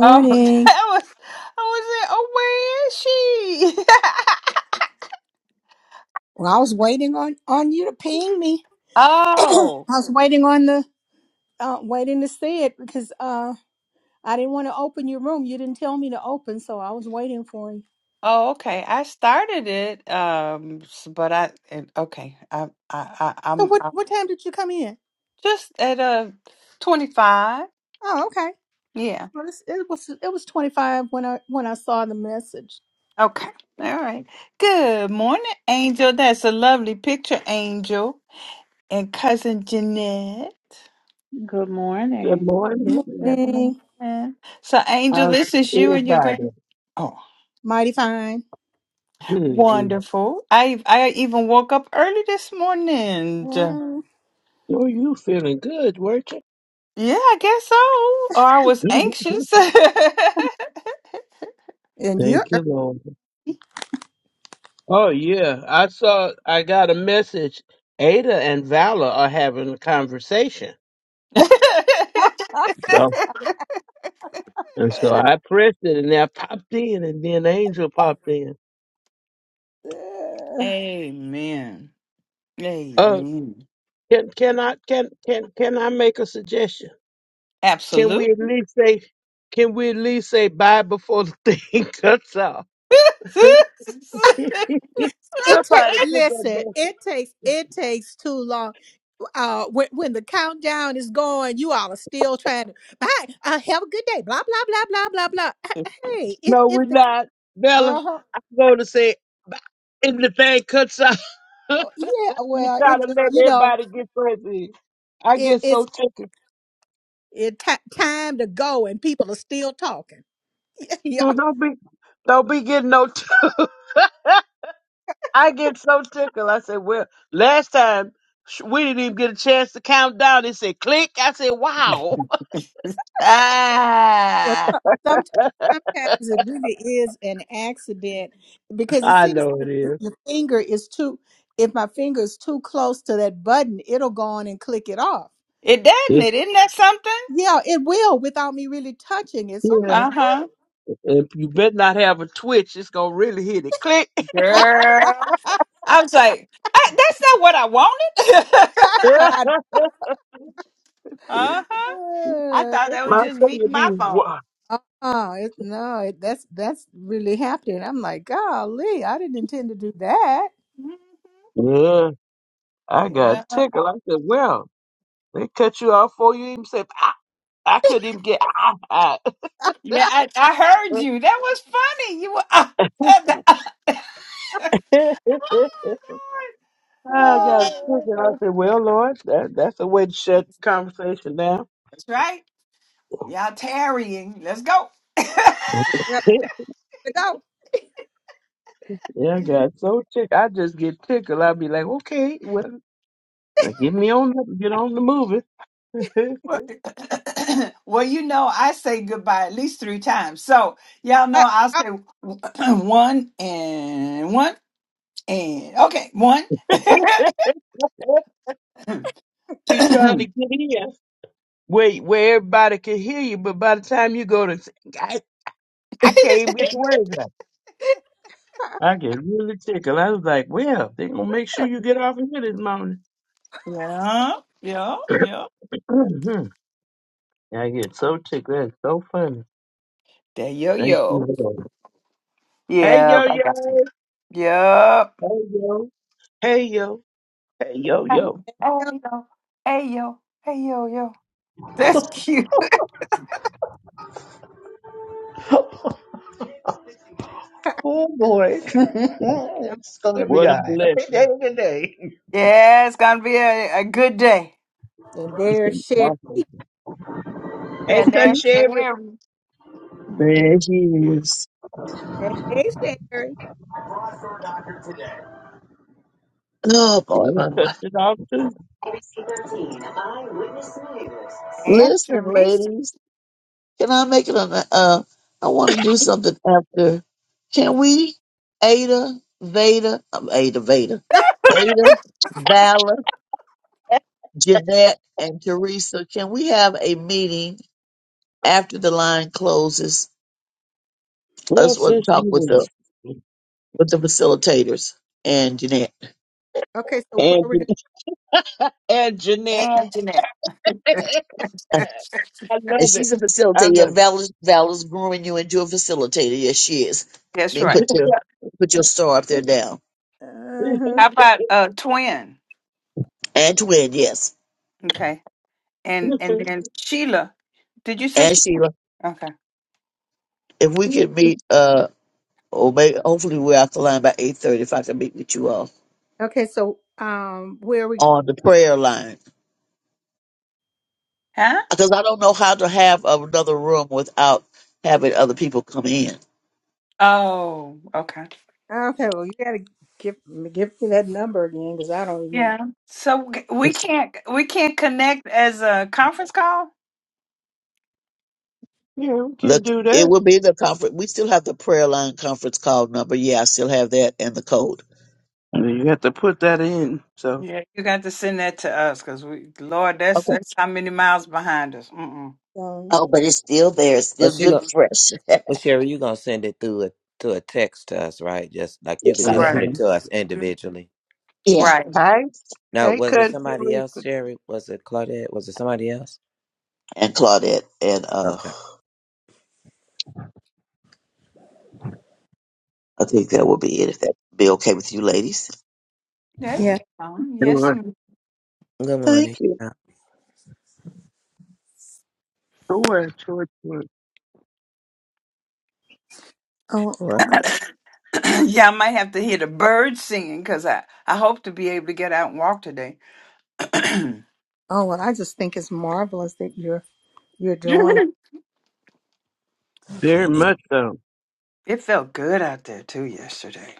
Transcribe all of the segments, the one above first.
Oh, that was I was like, oh, where is she? Well, I was waiting on on you to ping me. I Oh, was waiting on the uh, waiting to see it because uh, I didn't want to open your room. You didn't tell me to open, so I was waiting for you. oh, okay. I started it, um, s- but I and, okay. I, I, I, So I'm, what I'm what time did you come in? just at a 25. Oh, okay. Yeah. Well, it's, it was it was twenty five when I when I saw the message. Okay. All right. Good morning, Angel. That's a lovely picture, Angel, and cousin Jeanette. Good Good morning. Thank morning. you. Good Morning, morning. So, Angel, How's this is you and your everybody? grand. Oh. mighty fine. Good, good. Wonderful. I I even woke up early this morning. Yeah, Mm. Oh, you feeling good, weren't you? I guess so. Or I was Mhm. anxious. And you. Thank you, Lord. Oh, yeah. I saw, I got a message. Ada and Valor are having a conversation. So, and so I pressed it and I popped in and then Angel popped in. Uh, Amen. Uh, Amen. can, can I, can, can, can I make a suggestion? Can we Absolute. at least say, can we at least say bye before the thing cuts off? it ta- Somebody put listen. that. It takes it takes too long uh when, when the countdown is going you all are still trying to bye uh, have a good day blah blah blah blah blah blah Uh, hey if No, we're if the not. Bella, uh-huh I'm going to say, if the thing cuts out, oh, yeah you well try it to just let you know everybody get crazy. I it get so it's tickled. it ti time to go and people are still talking yeah So Don't be, don't be getting no tickle. I get so tickled. I said, well, last time sh- we didn't even get a chance to count down. It said click. I said, wow. well ah, sometimes sometimes it really is an accident because it I seems know it if is. your finger is too if my finger is too close to that button it'll go on and click it off it doesn't It's, it? Isn't that something? yeah, it will without me really touching it. So I'm yeah. Uh like, huh. If you better not have a twitch, it's going to really hit it. Click. Girl, I was like, I, that's not what I wanted. Yeah. uh huh. I thought that My was just son me, would and be, my phone. wow. uh-uh. it, no, it, that's that's really happening. I'm like, golly, I didn't intend to do that. Mhm. Yeah. I got Yeah, tickled. I said, well. They cut you off before you even say ah, I couldn't even get, ah, ah. yeah, I, I heard you. That was funny. You were. ah, ah, ah, ah, Lord. I got Oh, sick and I Uh, said, well, Lord, that, that's a way to shut That's conversation down. that's right. Y'all tarrying. Let's go. yep, yeah, to go. I got so tick. I just get tickled. I'd be like, okay, well, now get me on up and get on the movie. well, well, you know, I say goodbye at least three times. So y'all Uh, know I'll uh, say one and one and okay, one. we trying to get in. Wait, where everybody can hear you, but by the time you go to, I, I can't even get the words out. I get really tickled. I was like, well, they going to make sure you get off of here this morning. yeah, yeah, yeah. yeah. Mhm. I get so tickled. That's so funny. The yo Thank you, yo. Lord. Hey, Yeah, yo, I got you. yo. Yep. Hey, yo. Hey, yo. Hey, yo, yo. Hey yo. Hey yo. Hey yo yo. That's cute. Oh boy, it's gonna be What a a happy day blessing. today. Yeah, it's gonna be a, a good day. And It's there's an Sherry. Yeah, awesome. Hey, Yeah, touch there's Sherry. Sherry There he is. Hey, Sherry. Oh She boy, boy, boy. touched it off, too. and Listen, Teresa ladies, can I make it on? the- Uh, I want to do something after. Can we? Ada, Veda, um, Ada, Veda, Ada, Vala, Jeanette, and Teresa. Can we have a meeting after the line closes? I Well, just want since to talk you with the was with the facilitators and Jeanette. Okay, so where and, we and Jeanette. and Jeanette. I And love it. she's a I facilitator. Yeah, love Val Val's growing you into a facilitator. Yes, she is. Let That's me right. put your put your star up there now. it. going? How about uh twin? And twin, yes. Okay. And and then Sheila. Did you say she- And Sheila, okay. if we could meet, uh, or maybe hopefully we're off the line by eight thirty. If I can meet with you all Okay, so um, where we? on the prayer line, Huh? because I don't know how to have another room without having other people come in. Oh, okay. oh, Okay, well, you gotta give give me that number again because I don't even. Yeah. So we we can't we can't connect as a conference call? yeah, we can Look, do it that. will be the conference. We still have the prayer line conference call number. Yeah, I still have that and the code. I mean, you have to put that in. So, Yeah, you got to send that to us because we, Lord, that's Okay. that's how many miles behind us. Mm-mm. Um, Oh, but it's still there. It's But still she good going fresh. well, Sherry, you gonna send it through a, to a text to us, right? Just like you could Yes, I hmm just am. send Right. it to us Mhm. individually. Yeah, Right. hey, Now, hey, was it country. somebody else, Sherry? Was it Claudette? Was it somebody else? and Claudette, and uh, Okay. I think that will be it. If that be okay with you, ladies. That, yeah. um, yes. Sure, ma'am. Good morning. Thank you. Uh, Sure, sure, sure. Oh, What? yeah, I might have to hear the birds singing because I, I hope to be able to get out and walk today. it oh. Well, I just think it's marvelous that you're you're doing I Very can't even much so. felt good out there too yesterday.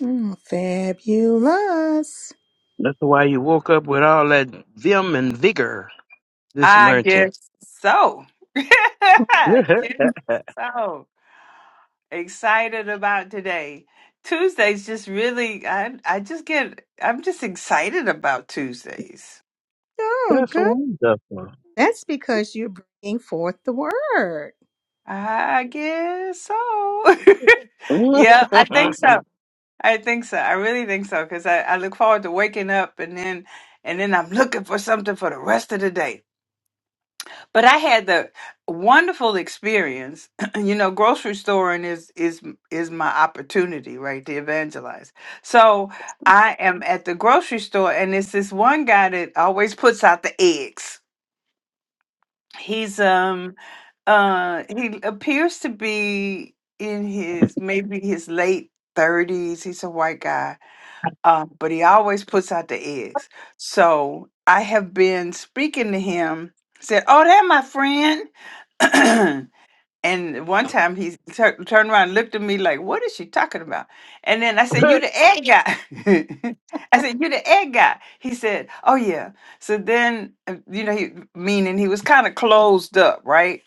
mm, fabulous. That's why you woke up with all that vim and vigor this I morning. guess so. I guess so. Excited about today. Tuesdays just really, I I just get, I'm just excited about Tuesdays. Oh, That's good. wonderful. That's because you're bringing forth the word. I guess so. Yeah, I think so. I think so. I really think so because I, I look forward to waking up and then and then I'm looking for something for the rest of the day. But I had the wonderful experience. You know, grocery storing is is is my opportunity, right, to evangelize. So I am at the grocery store and it's this one guy that always puts out the eggs. He's um Uh, he appears to be in his maybe his late thirties. He's a white guy, uh, but he always puts out the eggs. So I have been speaking to him. Said, "Oh, that my friend." and one time he tur turned around, and looked at me like, "What is she talking about?" And then I said, "You the egg guy." I said, "You the egg guy." He said, "Oh yeah." So then, uh, you know, he meaning he was kind of closed up, right?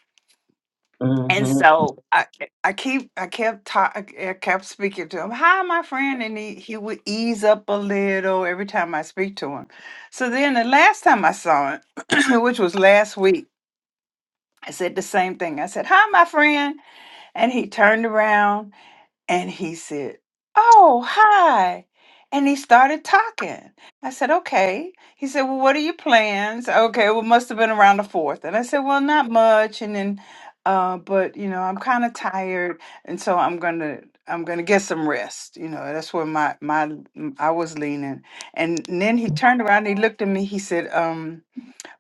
And hmm so I, ke- I keep, I kept, ta- I ke- I kept speaking to him. Hi, my friend, and he he would ease up a little every time I speak to him. So then the last time I saw him, which was last week, I said the same thing. I said, "Hi, my friend," and he turned around and he said, Oh, hi. And he started talking. I said, Okay. He said, Well, what are your plans? Okay, well, must have been around the fourth. And I said, Well, not much. And then, uh, but you know, I'm kind of tired, and so I'm gonna, I'm gonna get some rest. You know, that's where my my I was leaning. And then he turned around, he looked at me, he said, um.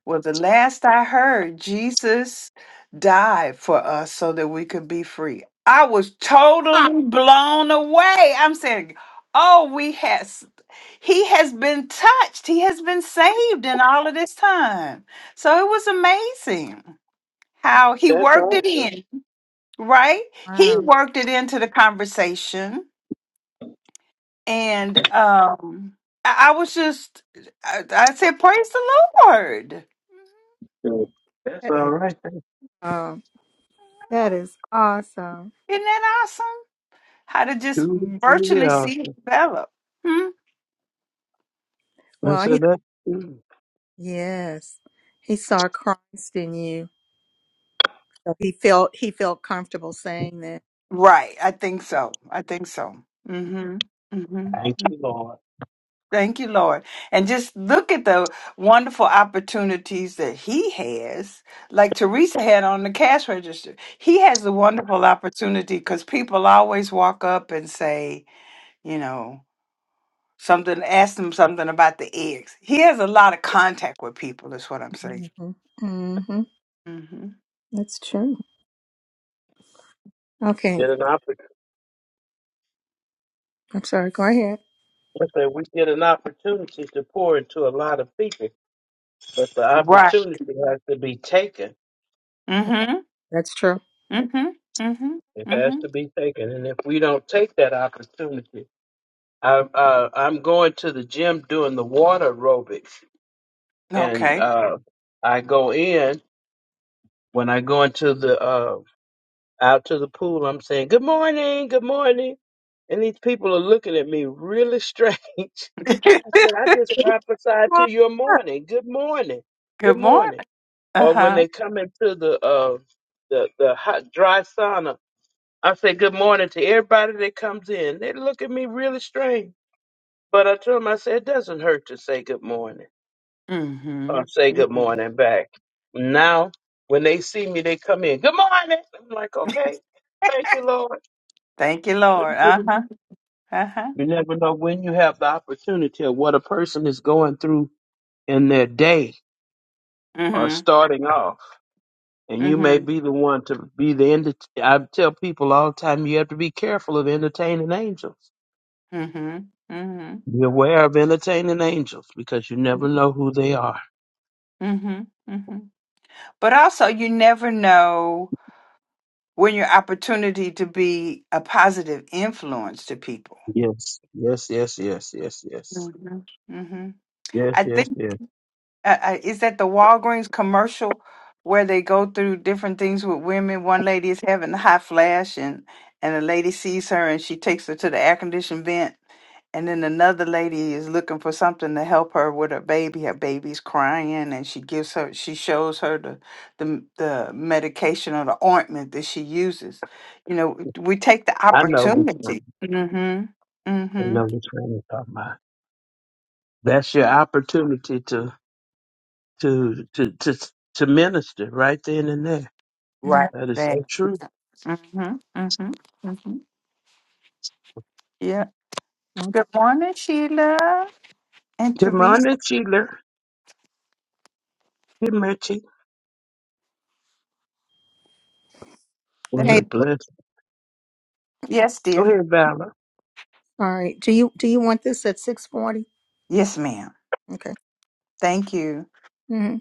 Well, the last I heard, Jesus died for us so that we could be free. I was totally blown away. I'm saying, oh, we has he has been touched. He has been saved in all of this time. So it was amazing how he That's worked it awesome. in, right? He Wow. Mhm. worked it into the conversation. And um I, I was just I, I said, Praise the Lord. That's That all is right. That's um, that is awesome. Isn't that awesome? how to just truly, truly virtually awesome. see it develop. Hmm? I Well, said, that's true. Yes. He saw Christ in you. So he felt he felt comfortable saying that. Right. I think so. I think so. hmm hmm Thank you, Lord. Thank you, Lord. And just look at the wonderful opportunities that he has, like Teresa had on the cash register. He has a wonderful opportunity because people always walk up and say, you know, something, ask them something about the eggs. He has a lot of contact with people, is what I'm saying. hmm hmm hmm That's true. Okay. Get an opportunity. I'm sorry. Go ahead. I said, we get an opportunity to pour into a lot of people, but the Right. opportunity has to be taken. hmm That's true. hmm hmm It hmm has to be taken. And if we don't take that opportunity, I, uh, I'm going to the gym doing the water aerobics, and Okay. uh, I go in. When I go into the uh, out to the pool, I'm saying good morning, good morning, and these people are looking at me really strange. I Good said, I just prophesied Well, to your sure. morning. Good morning, good morning. morning. Uh Or when huh. they come into the uh, the the hot dry sauna, I say good morning to everybody that comes in. They look at me really strange. But I told him, I said, it doesn't hurt to say good morning Mm-hmm. or say good hmm morning back. Now, when they see me, they come in, good morning. I'm like, okay, thank you, Lord. Thank you, Thank Lord. Uh you. huh. Uh huh. You never know when you have the opportunity of what a person is going through in their day or Mm-hmm. starting off. And you may Mm-hmm. be the one to be the end. I tell people all the time, you have to be careful of entertaining angels. Mm-hmm. Mm-hmm. Be aware of entertaining angels because you never know who they are. Mm-hmm. Mm-hmm. But also, you never know when your opportunity to be a positive influence to people. Yes, yes, yes, yes, yes, yes, Mm-hmm. Mm-hmm. yes, I think. yes, yes. uh, uh, is that the Walgreens commercial where they go through different things with women? One lady is having a hot flash, and and the lady sees her, and she takes her to the air conditioned vent, and then another lady is looking for something to help her with her baby. Her baby's crying, and she gives her, she shows her the the the medication or the ointment that she uses. You know, we take the I know which one. opportunity. Mm-hmm. I Mm-hmm. know which one you're talking about. That's your opportunity to to to to to minister right then and there. Mhm. Right That is there. so true. Mm-hmm. Mm-hmm. Mm-hmm. Yeah. Okay. Good morning, Sheila and Good Teresa. morning, Sheila. Good morning. Let What Hey, a me. blessing. Yes, Go dear. ahead, Valor. all right. Do you do you want this at 640? Yes, ma'am. Okay. Thank you. hmm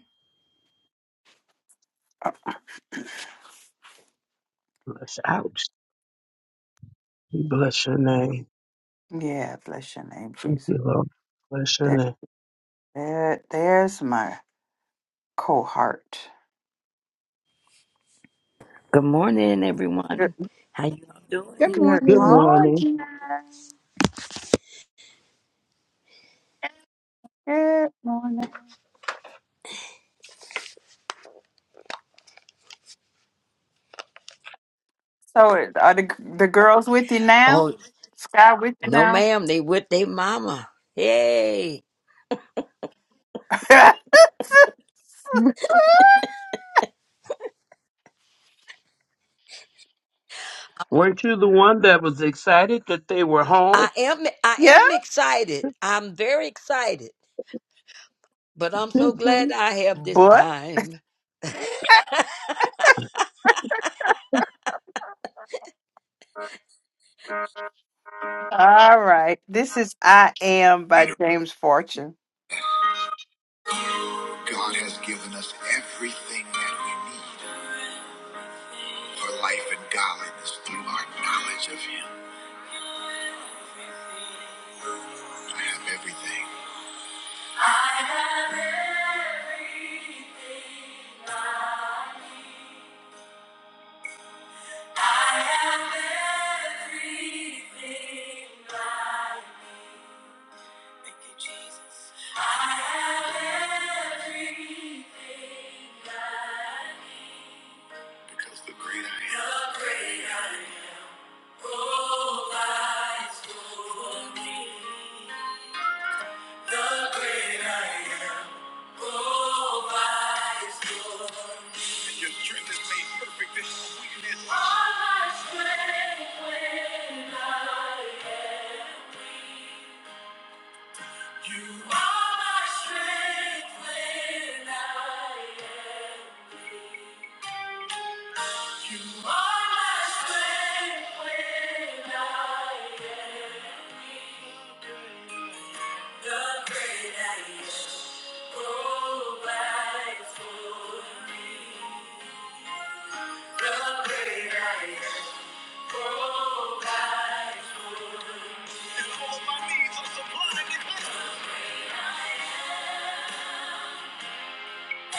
Bless out. We bless your name. Yeah, bless your name, Thank Jesus. you, Lord. Bless your There, name. there, there's my cohort. Good morning, Good, everyone. How you all doing? Good good Good morning. morning. morning. Good morning. So, are the the girls with you now? Oh, Sky with you no, now? ma'am. They with their mama. Hey, Mhm. Weren't you the one that was excited that they were home? I am. I yeah. am excited. I'm very excited. But I'm so Amen. glad I have this But time. all right. This is "I Am" by James Fortune. God has given us everything that we need for life and godliness through our knowledge of Him. I have everything. I have everything I need. I have everything I need. I have everything I need. Because the great I am. The I provides me. The great I am. your strength is made perfect in our weakness. All my strength when I am weak. You are my strength when I am. You are my strength when I am. weak. The great I am provides for me. The great I am provides for me.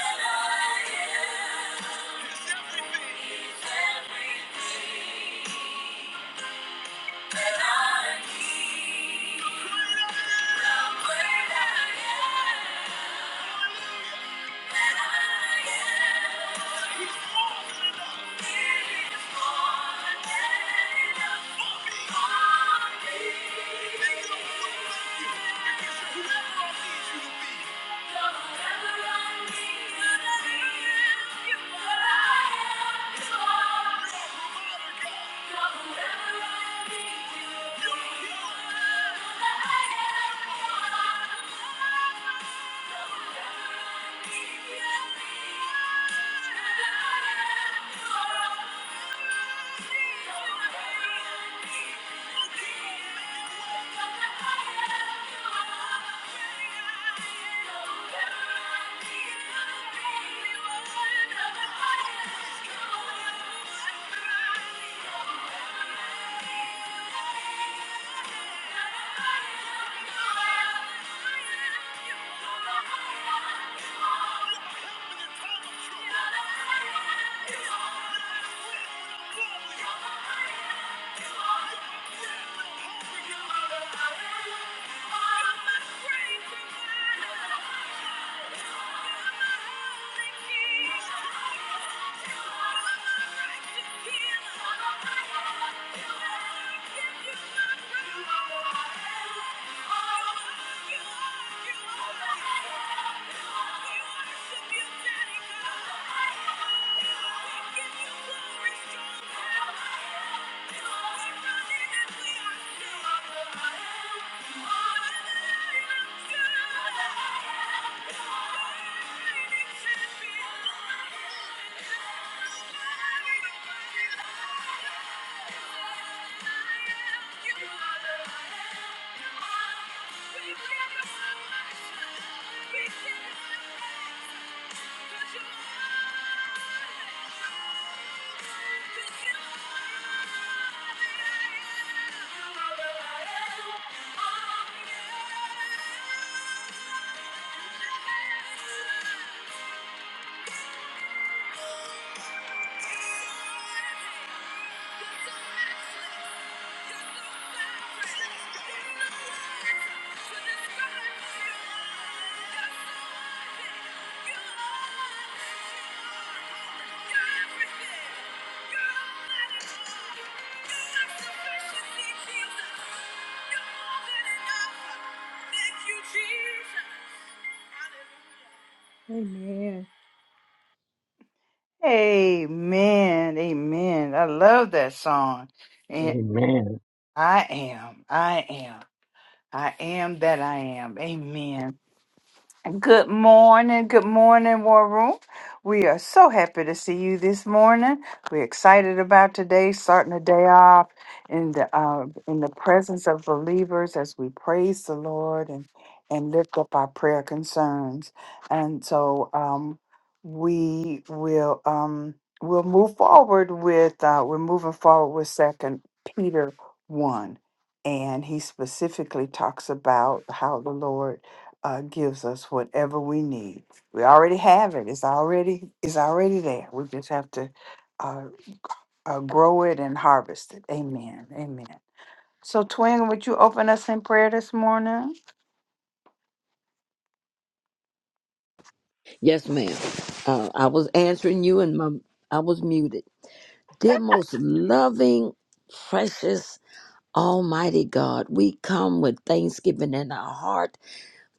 And I am everything that I need. The great I am. Whatever I need you. Thank you. Thank you. Thank you. are are You We glory, and power. You're running and we are. Thank you. Thank you. Amen. Amen. I love that song. And I am, I am, I am that I am. Amen. Good morning. Good morning, War Room. We are so happy to see you this morning. We're excited about today, starting the day off in the uh, in the presence of believers as we praise the Lord and and lift up our prayer concerns. And so um, we will um, we'll move forward with uh, we're moving forward with Second Peter one, and he specifically talks about how the Lord uh, gives us whatever we need. We already have it. It's already it's already there. We just have to uh, uh, grow it and harvest it. Amen. Amen. So, Twin, would you open us in prayer this morning? Yes, ma'am. Uh, I was answering you, and my I was muted. Dear most loving, precious, Almighty God, we come with thanksgiving in our heart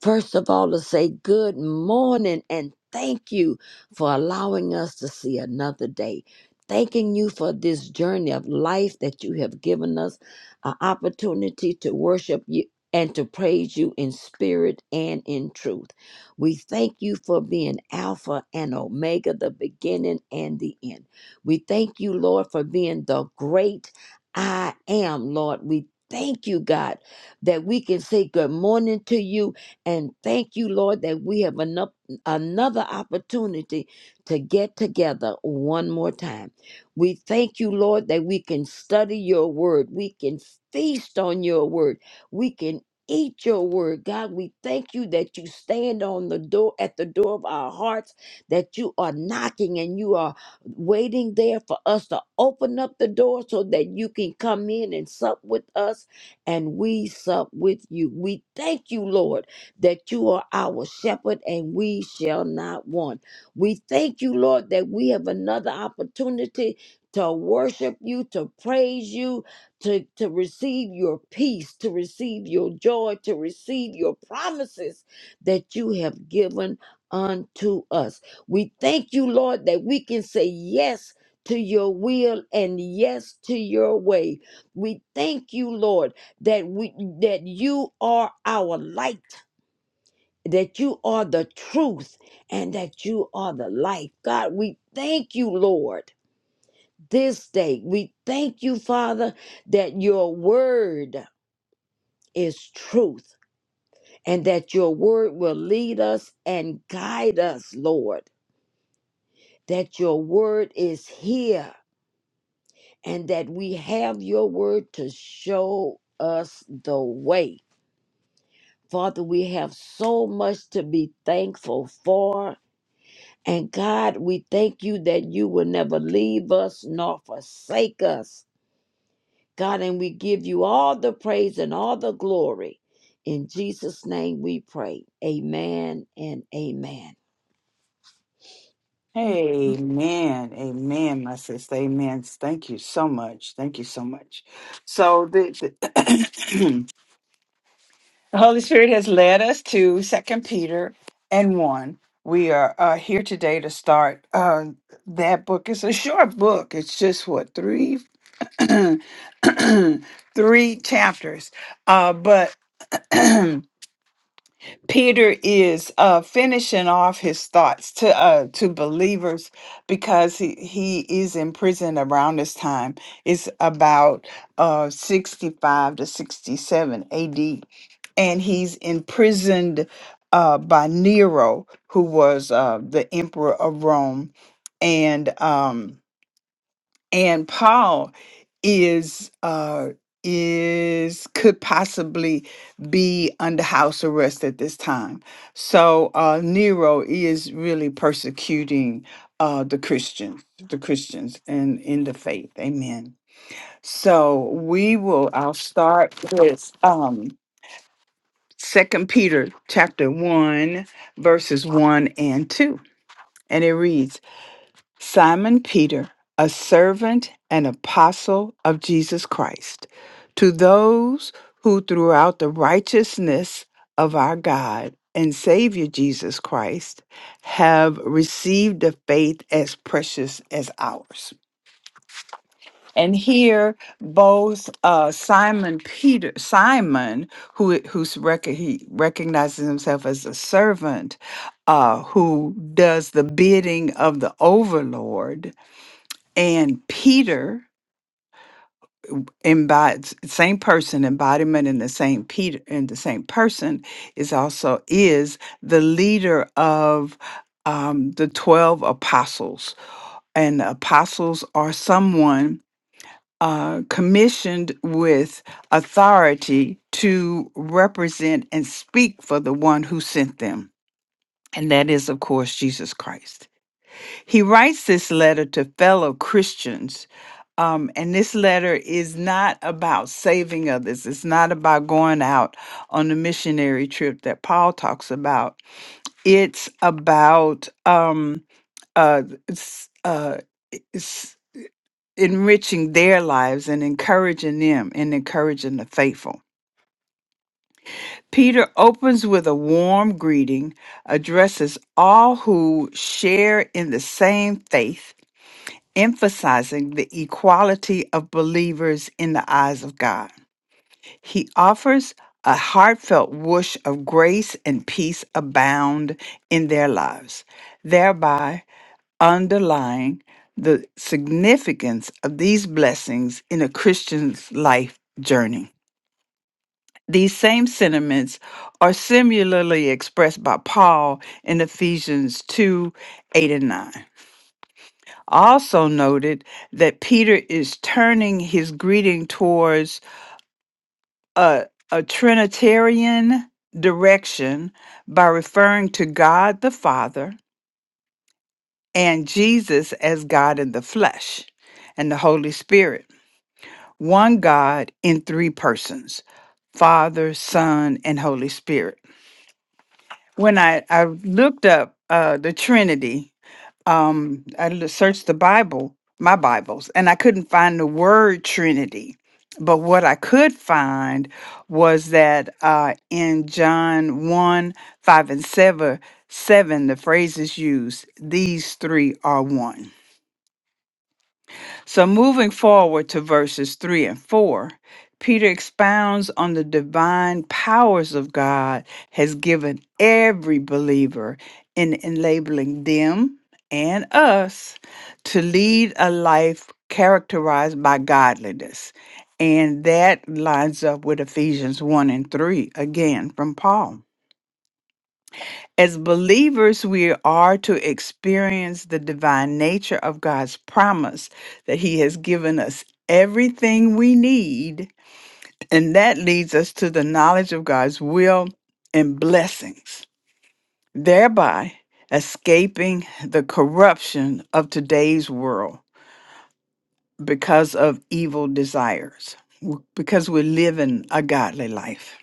First of all, to say good morning and thank you for allowing us to see another day. Thanking you for this journey of life that you have given us, an opportunity to worship you and to praise you in spirit and in truth. We thank you for being Alpha and Omega, the beginning and the end. We thank you, Lord, for being the great I am, Lord. We thank you, God, that we can say good morning to you and thank you, Lord, that we have enough, another opportunity to get together one more time. We thank you, Lord, that we can study your word. We can feast on your word. We can eat your word. God, we thank you that you stand on the door at the door of our hearts, that you are knocking and you are waiting there for us to open up the door so that you can come in and sup with us and we sup with you. We thank you, Lord that you are our shepherd and we shall not want. We thank you, Lord, that we have another opportunity to worship you, to praise you, to, to receive your peace, to receive your joy, to receive your promises that you have given unto us. We thank you, Lord, that we can say yes to your will and yes to your way. We thank you, Lord, that we that you are our light that you are the truth and that you are the life. God, we thank you, Lord, this day. We thank you, Father, that your word is truth and that your word will lead us and guide us, Lord, that your word is here and that we have your word to show us the way. Father, we have so much to be thankful for And God, we thank you that you will never leave us nor forsake us. God, and we give you all the praise and all the glory. In Jesus' name we pray. Amen and amen. Amen. Amen. Amen, my sister. Amen. Thank you so much. Thank you so much. So the, The Holy Spirit has led us to Second Peter and one. We are uh, here today to start uh, that book. It's a short book. It's just what three, three chapters. Uh, but Peter is uh, finishing off his thoughts to uh, to believers because he, he is in prison around this time. It's about uh, 65 to 67 AD. And he's imprisoned uh, by Nero, who was uh, the emperor of Rome. And um, and Paul is uh is could possibly be under house arrest at this time. So uh Nero is really persecuting uh the Christians, the Christians and in in the faith. Amen. So we will I'll start with um Second Peter chapter 1 verses 1 and 2. And it reads Simon Peter, a servant and apostle of Jesus Christ, to those who throughout the righteousness of our God and Savior Jesus Christ have received a faith as precious as ours. And here, both uh, Simon Peter, Simon, who who's rec- he recognizes himself as a servant, uh, who does the bidding of the overlord, and Peter embodies same person embodiment in the same Peter in the same person is also is the leader of um, the twelve apostles, and the apostles are someone uh, commissioned with authority to represent and speak for the one who sent them, and that is of course Jesus Christ. He writes this letter to fellow Christians. Um, and this letter is not about saving others. It's not about going out on the missionary trip that Paul talks about. It's about um, uh, s- uh, s- enriching their lives and encouraging them and encouraging the faithful. Peter opens with a warm greeting, addresses all who share in the same faith emphasizing the equality of believers in the eyes of God. He offers a heartfelt wish of grace and peace abound in their lives, thereby underlying the significance of these blessings in a Christian's life journey. These same sentiments are similarly expressed by Paul in Ephesians 2 8 and 9. also noted that Peter is turning his greeting towards a, a Trinitarian direction by referring to God the Father and Jesus as God in the flesh and the Holy Spirit, one God in three persons Father, Son, and Holy Spirit. When I, I looked up uh, the Trinity, um I l- searched the Bible, my Bibles, and I couldn't find the word Trinity. But what I could find was that uh, in John 1, 5, and 7, 7, the phrase is used, these three are one. So, moving forward to verses 3 and 4, Peter expounds on the divine powers of God has given every believer in enabling them and us to lead a life characterized by godliness. And that lines up with Ephesians 1 and 3, again from Paul. As believers, we are to experience the divine nature of God's promise that He has given us everything we need. And that leads us to the knowledge of God's will and blessings, thereby escaping the corruption of today's world because of evil desires, w- because we're living a godly life.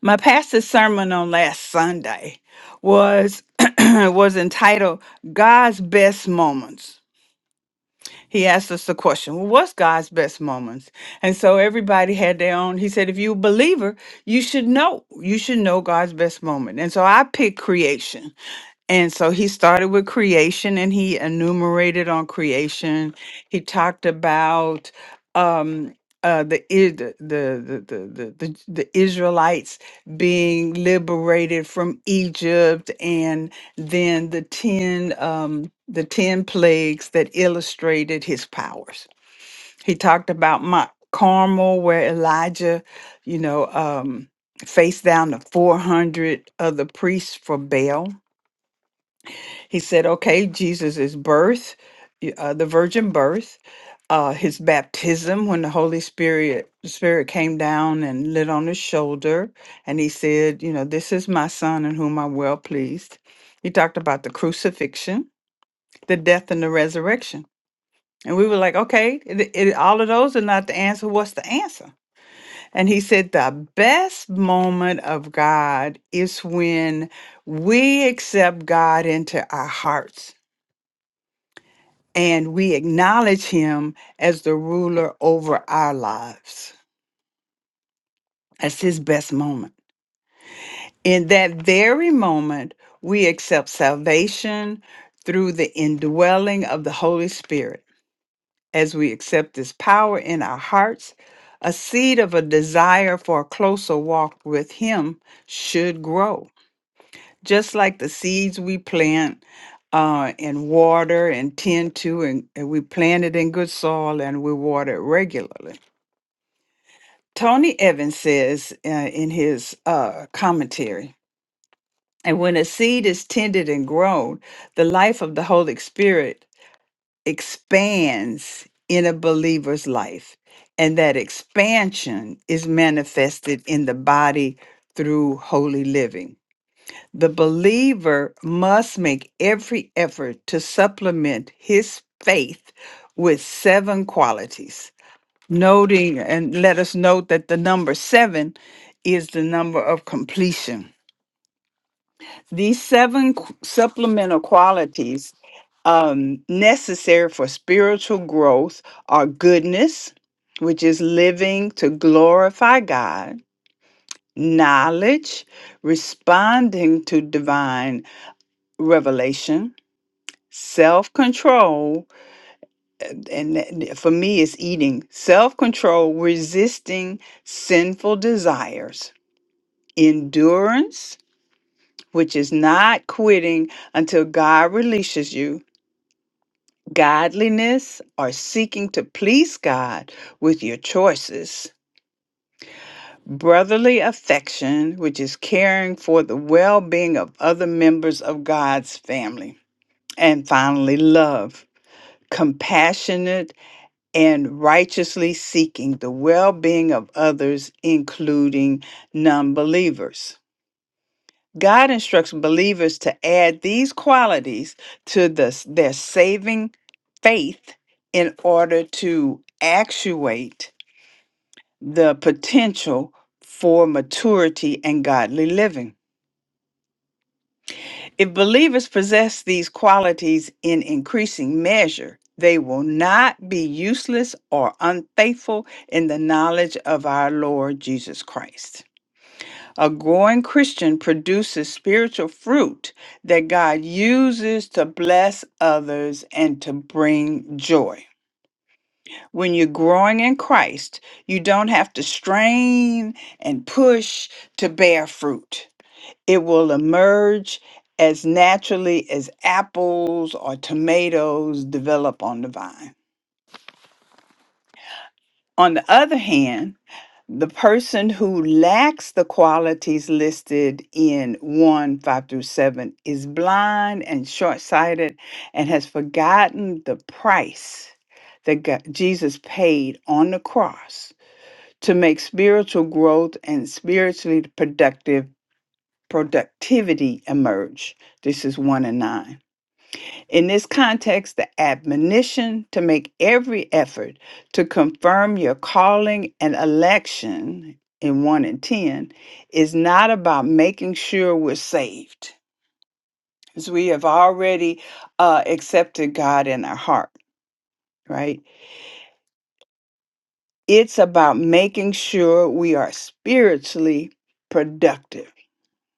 My pastor's sermon on last Sunday was was entitled God's Best Moments. He asked us the question, well, what's God's best moments? And so everybody had their own. He said, if you're a believer, you should know. You should know God's best moment. And so I picked creation and so he started with creation and he enumerated on creation. He talked about um, uh, the, I- the, the, the, the, the, the the Israelites being liberated from Egypt and then the 10, um, the 10 plagues that illustrated his powers. He talked about Mount Carmel where Elijah, you know, um, faced down the 400 other priests for Baal he said, okay, Jesus' birth, y- uh, the virgin birth, uh, his baptism when the Holy Spirit Spirit came down and lit on his shoulder, and he said, you know, this is my son in whom I'm well pleased. He talked about the crucifixion, the death, and the resurrection. And we were like, okay, it, it, all of those are not the answer. What's the answer? And he said, the best moment of God is when we accept God into our hearts and we acknowledge him as the ruler over our lives. That's his best moment. In that very moment, we accept salvation through the indwelling of the Holy Spirit. As we accept this power in our hearts, a seed of a desire for a closer walk with him should grow. Just like the seeds we plant uh, and water and tend to, and, and we plant it in good soil and we water it regularly Tony Evans says uh, in his uh, commentary, and when a seed is tended and grown, the life of the Holy Spirit expands in a believer's life. And that expansion is manifested in the body through holy living. The believer must make every effort to supplement his faith with seven qualities noting and let us note that the number seven is the number of completion. These seven qu- supplemental qualities um, necessary for spiritual growth are goodness, which is living to glorify God, knowledge, responding to divine revelation, self control, and that- for me, it's eating, self control, resisting sinful desires endurance, which is not quitting until God releases you, godliness, or seeking to please God with your choices, brotherly affection, which is caring for the well being of other members of God's family, and finally, love, compassionate and righteously seeking the well being of others, including non believers. God instructs believers to add these qualities to the, their saving faith in order to actuate the potential for maturity and godly living. If believers possess these qualities in increasing measure, they will not be useless or unfaithful in the knowledge of our Lord Jesus Christ. A growing Christian produces spiritual fruit that God uses to bless others and to bring joy. When you're growing in Christ, you don't have to strain and push to bear fruit. It will emerge as naturally as apples or tomatoes develop on the vine. On the other hand, the person who lacks the qualities listed in 1 5 through 7 is blind and short sighted and has forgotten the price that God, Jesus paid on the cross to make spiritual growth and spiritually productive productivity emerge. This is 1 and 9. In this context, the admonition to make every effort to confirm your calling and election in 1 and 10 is not about making sure we're saved, as we have already uh, accepted God in our heart, right? It's about making sure we are spiritually productive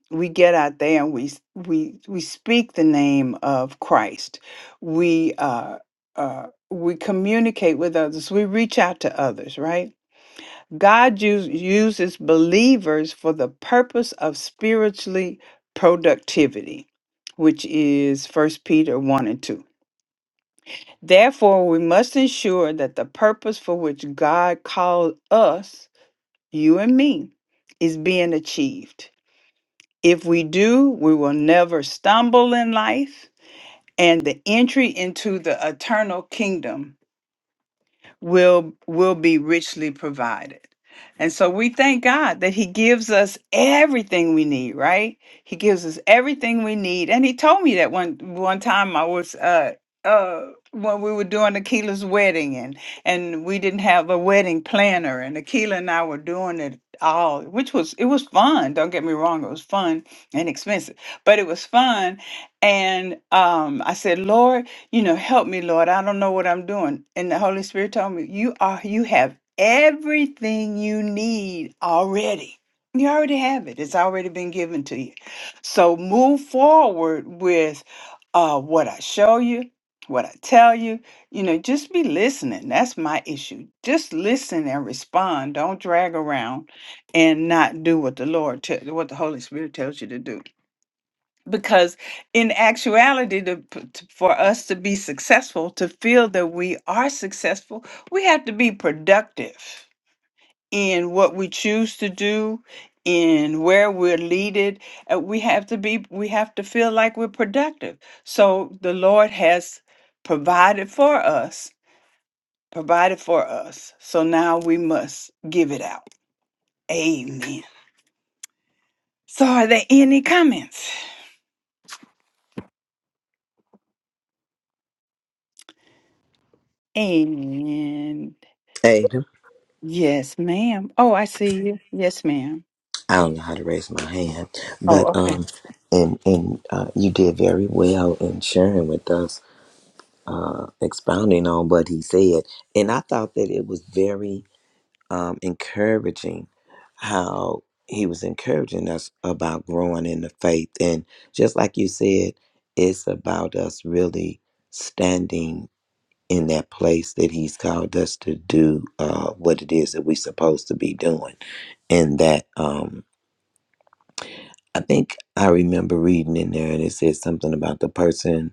we get out there and we s- we we speak the name of Christ. We uh, uh, we communicate with others. We reach out to others. Right? God use, uses believers for the purpose of spiritually productivity, which is First Peter one and two. Therefore, we must ensure that the purpose for which God called us, you and me, is being achieved if we do, we will never stumble in life and the entry into the eternal kingdom will will be richly provided. And so we thank God that he gives us everything we need, right? He gives us everything we need. And he told me that one one time I was uh uh when we were doing Akila's wedding and and we didn't have a wedding planner and Akila and I were doing it all, which was it was fun, don't get me wrong, it was fun and expensive, but it was fun. And um I said, Lord, you know, help me, Lord. I don't know what I'm doing. And the Holy Spirit told me, you are, you have everything you need already. You already have it. It's already been given to you. So move forward with uh, what I show you, what I tell you. You know, just be listening. That's my issue. Just listen and respond. Don't drag around and not do what the Lord, te- what the Holy Spirit tells you to do because in actuality to, p- t- for us to be successful to feel that we are successful we have to be productive in what we choose to do in where we're leaded uh, we have to be we have to feel like we're productive so the lord has provided for us provided for us so now we must give it out amen so are there any comments amen say them. Yes, ma'am. Oh, I see you. Yes, ma'am. I don't know how to raise my hand, Oh, but okay. um, and and uh, you did very well in sharing with us, uh, expounding on what he said, and I thought that it was very um, encouraging how he was encouraging us about growing in the faith. And just like you said, it's about us really standing in that place that he's called us to do uh, what it is that we're supposed to be doing. And that um, I think I remember reading in there and it said something about the person.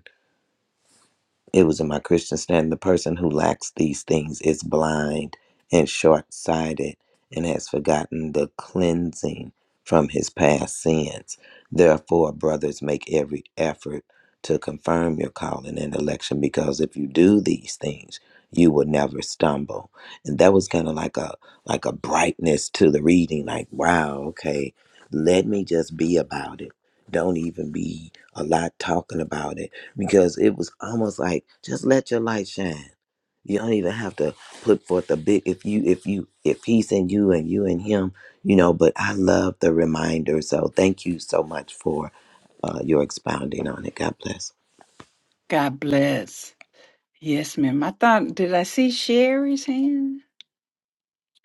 It was in my Christian stand. The person who lacks these things is blind and short sighted and has forgotten the cleansing from his past sins. Therefore, brothers, make every effort to confirm your calling and election because if you do these things, you will never stumble. And that was kind of like a like a brightness to the reading, like, wow, okay, let me just be about it. Don't even be a lot talking about it because it was almost like just let your light shine. You don't even have to put forth a big if you if you if he's in you and you in him, you know. But I love the reminder, so thank you so much for uh, your expounding on it. God bless. God bless. Yes, ma'am. I thought, did I see Sherry's hand?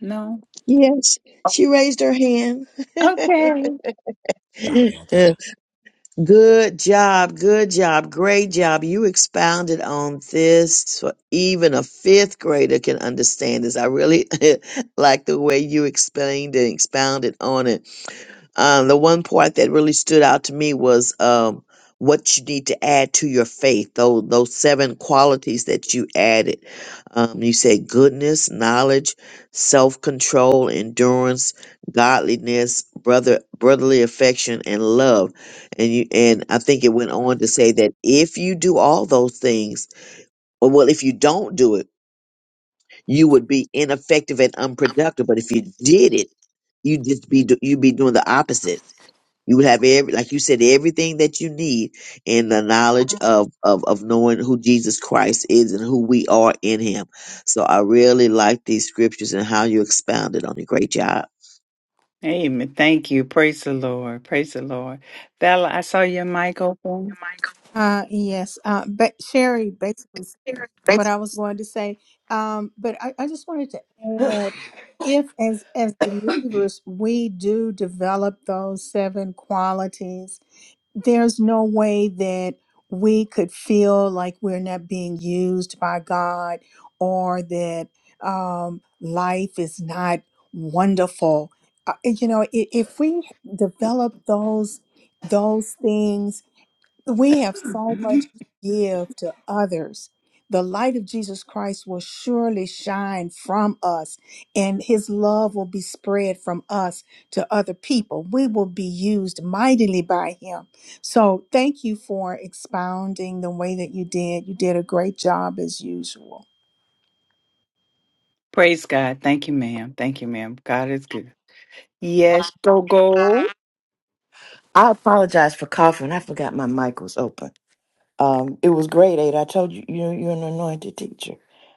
No. Yes, she raised her hand. Okay. Sorry, I gotta. good job, good job, great job. You expounded on this, so even a fifth grader can understand this. I really like the way you explained and expounded on it Um, the one part that really stood out to me was um, what you need to add to your faith. Those those seven qualities that you added. Um, you said goodness, knowledge, self control, endurance, godliness, brother brotherly affection, and love. And you and I think it went on to say that if you do all those things, or well, if you don't do it, you would be ineffective and unproductive. But if you did it, you just be do- you'd be doing the opposite you would have every, like you said, everything that you need in the knowledge of, of, of knowing who Jesus Christ is and who we are in him. So I really like these scriptures and how you expounded on it. Great job. Amen. Thank you. Praise the Lord. Praise the Lord. Bella, I saw your mic open. Uh, yes, uh, but Sherry, basically s- what Thanks. I was going to say, um, but I, I just wanted to add, if as as believers we do develop those seven qualities, there's no way that we could feel like we're not being used by God or that um, life is not wonderful. Uh, you know, i- if we develop those those things we have so much to give to others. The light of Jesus Christ will surely shine from us, and his love will be spread from us to other people. We will be used mightily by him. So, thank you for expounding the way that you did. You did a great job as usual. Praise God. Thank you, ma'am. Thank you, ma'am. God is good. Yes, go, go. I apologize for coughing. I forgot my mic was open. Um, it was grade eight. I told you, you you're an anointed teacher.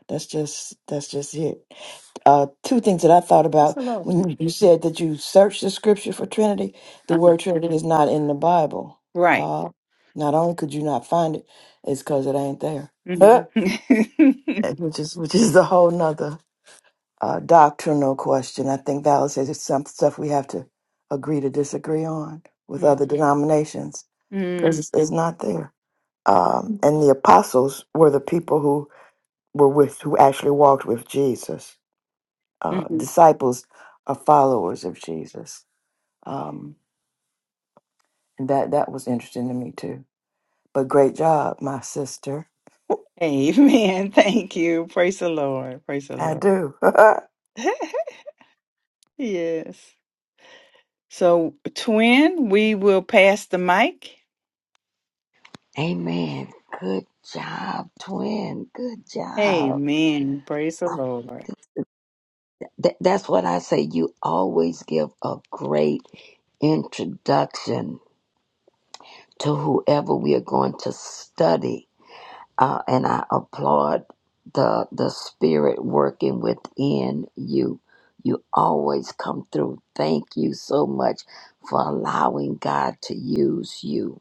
That's just that's just it. Uh, two things that I thought Praise about the Lord. when you you said that you searched the scripture for Trinity. The Uh-huh. word Trinity is not in the Bible. Right. Uh, not only could you not find it, it's because it ain't there, Mhm. which is which is a whole nother uh, doctrinal question. I think Val says it's some stuff we have to agree to disagree on with other denominations. There's, Mhm. is is not there. Um, and the apostles were the people who were with, who actually walked with Jesus. Uh, Mhm. disciples are followers of Jesus. Um, and that that was interesting to me too. But great job, my sister. Amen. Thank you. Praise the Lord. Praise the I Lord. do. yes. So, twin, we will pass the mic. Amen. Good job, twin. Good job. Amen. Praise the Lord. Th- that's what I say. You always give a great introduction to whoever we are going to study uh, and I applaud the the spirit working within you. You always come through. Thank you so much for allowing God to use you.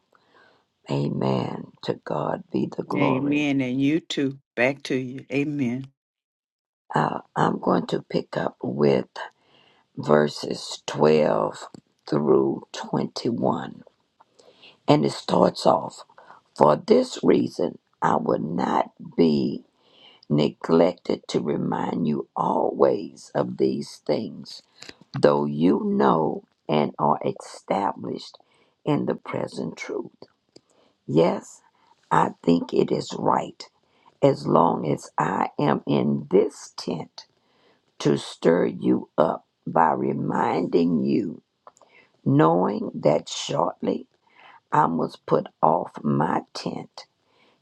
Amen. To God be the glory. Amen. And you too. Back to you. Amen. Uh, I'm going to pick up with verses 12 through 21. And it starts off For this reason, I will not be. neglected to remind you always of these things, though you know and are established in the present truth. Yes, I think it is right, as long as I am in this tent, to stir you up by reminding you, knowing that shortly I must put off my tent,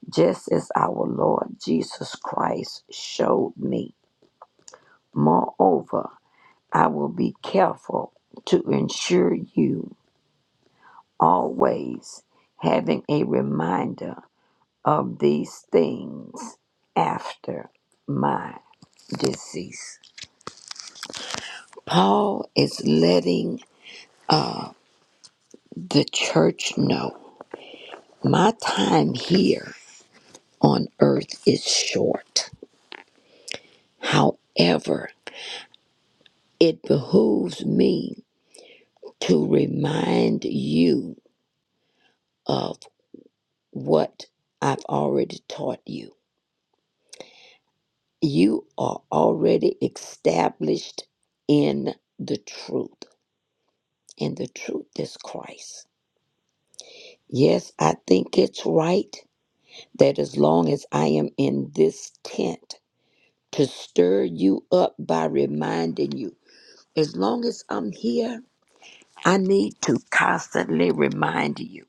just as our Lord Jesus Christ showed me. Moreover, I will be careful to ensure you always having a reminder of these things after my decease. Paul is letting uh, the church know my time here on earth is short. However, it behooves me to remind you of what I've already taught you you are already established in the truth, and the truth is Christ. Yes, I think it's right that as long as I am in this tent to stir you up by reminding you, as long as I'm here, I need to constantly remind you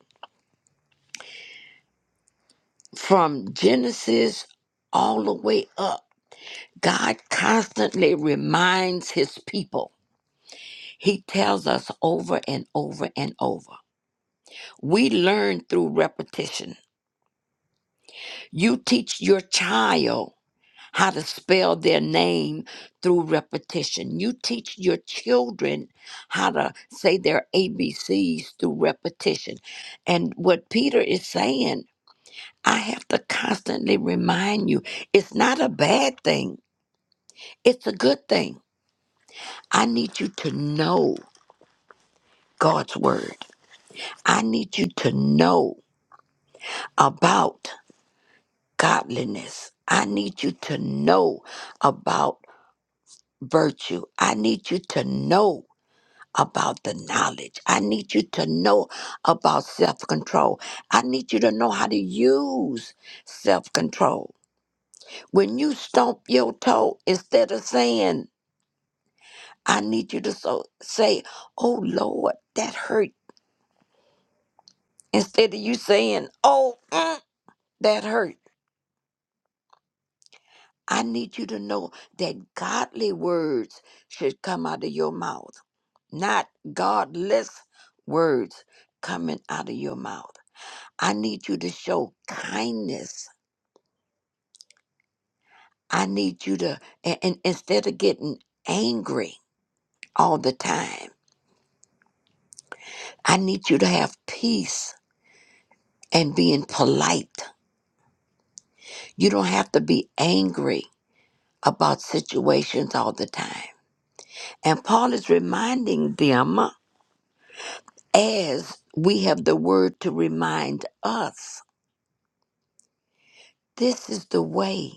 from Genesis all the way up. God constantly reminds his people. He tells us over and over and over. We learn through repetition. You teach your child how to spell their name through repetition. You teach your children how to say their ABCs through repetition. And what Peter is saying, I have to constantly remind you it's not a bad thing, it's a good thing. I need you to know God's word, I need you to know about. godliness. I need you to know about virtue. I need you to know about the knowledge. I need you to know about self control. I need you to know how to use self control. When you stomp your toe, instead of saying, I need you to so, say, Oh Lord, that hurt. Instead of you saying, Oh, mm, that hurt. I need you to know that godly words should come out of your mouth, not godless words coming out of your mouth. I need you to show kindness. I need you to, and, and instead of getting angry all the time, I need you to have peace and being polite. You don't have to be angry about situations all the time. And Paul is reminding them as we have the word to remind us this is the way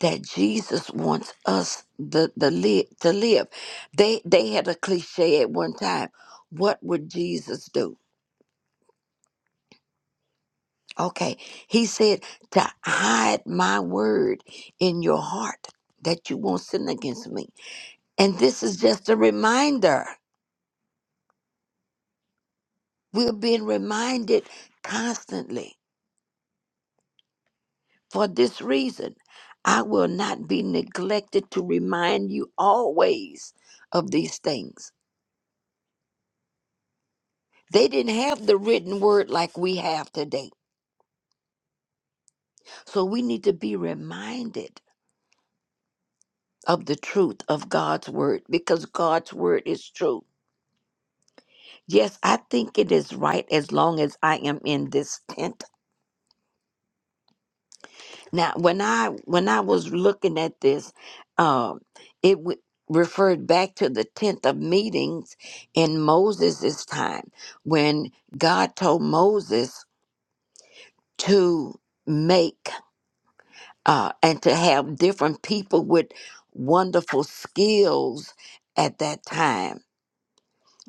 that Jesus wants us the, the li- to live. They they had a cliche at one time. What would Jesus do? Okay, he said to hide my word in your heart that you won't sin against me. And this is just a reminder. We're being reminded constantly For this reason, I will not be neglected to remind you always of these things. They didn't have the written word like we have today. So we need to be reminded of the truth of God's word because God's word is true. Yes, I think it is right as long as I am in this tent Now, when I when I was looking at this, um, it w- referred back to the tenth of meetings in Moses' time, when God told Moses to make uh, and to have different people with wonderful skills at that time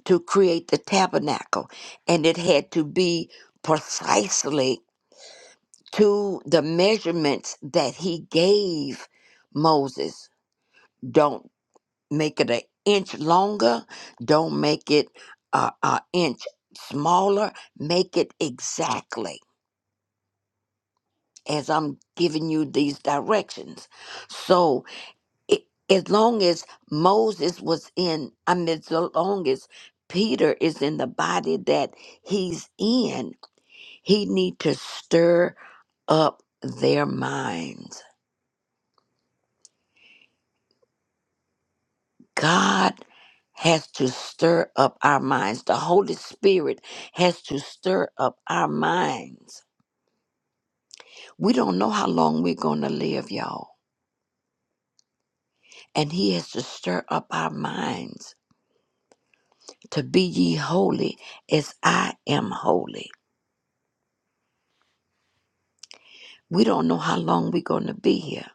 to create the tabernacle, and it had to be precisely to the measurements that He gave Moses Don't make it an inch longer. Don't make it uh, an inch smaller. Make it exactly as I'm giving you these directions. So, it, as long as Moses was in, I mean, as long as Peter is in the body that he's in, he need to stir up their minds God has to stir up our minds. The Holy Spirit has to stir up our minds. We don't know how long we're going to live, y'all. And He has to stir up our minds to be ye holy as I am holy. We don't know how long we're going to be here.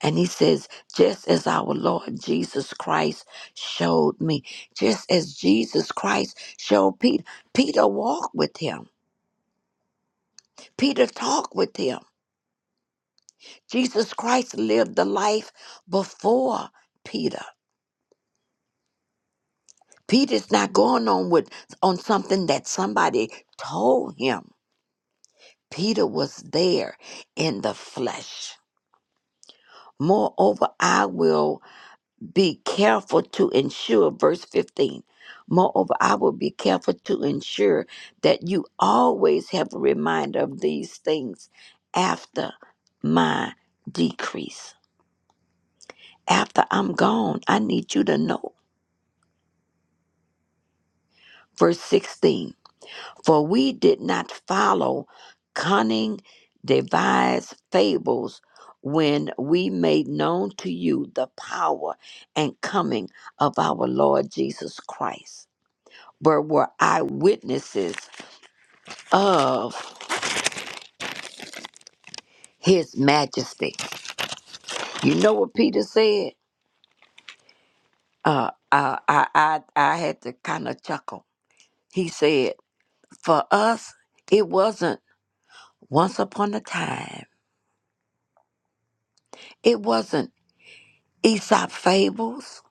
And He says, just as our Lord Jesus Christ showed me, just as Jesus Christ showed Peter, Peter walked with Him, Peter talked with Him. Jesus Christ lived the life before Peter. Peter's not going on with on something that somebody told him. Peter was there in the flesh. Moreover, I will be careful to ensure, verse 15. Moreover, I will be careful to ensure that you always have a reminder of these things after my decrease. After I'm gone, I need you to know Verse 16 For we did not follow cunning, devised fables when we made known to you the power and coming of our Lord Jesus Christ, but were eyewitnesses of his majesty. You know what Peter said? Uh, I, I, I, I had to kind of chuckle. He said, For us, it wasn't once upon a time. It wasn't Aesop fables.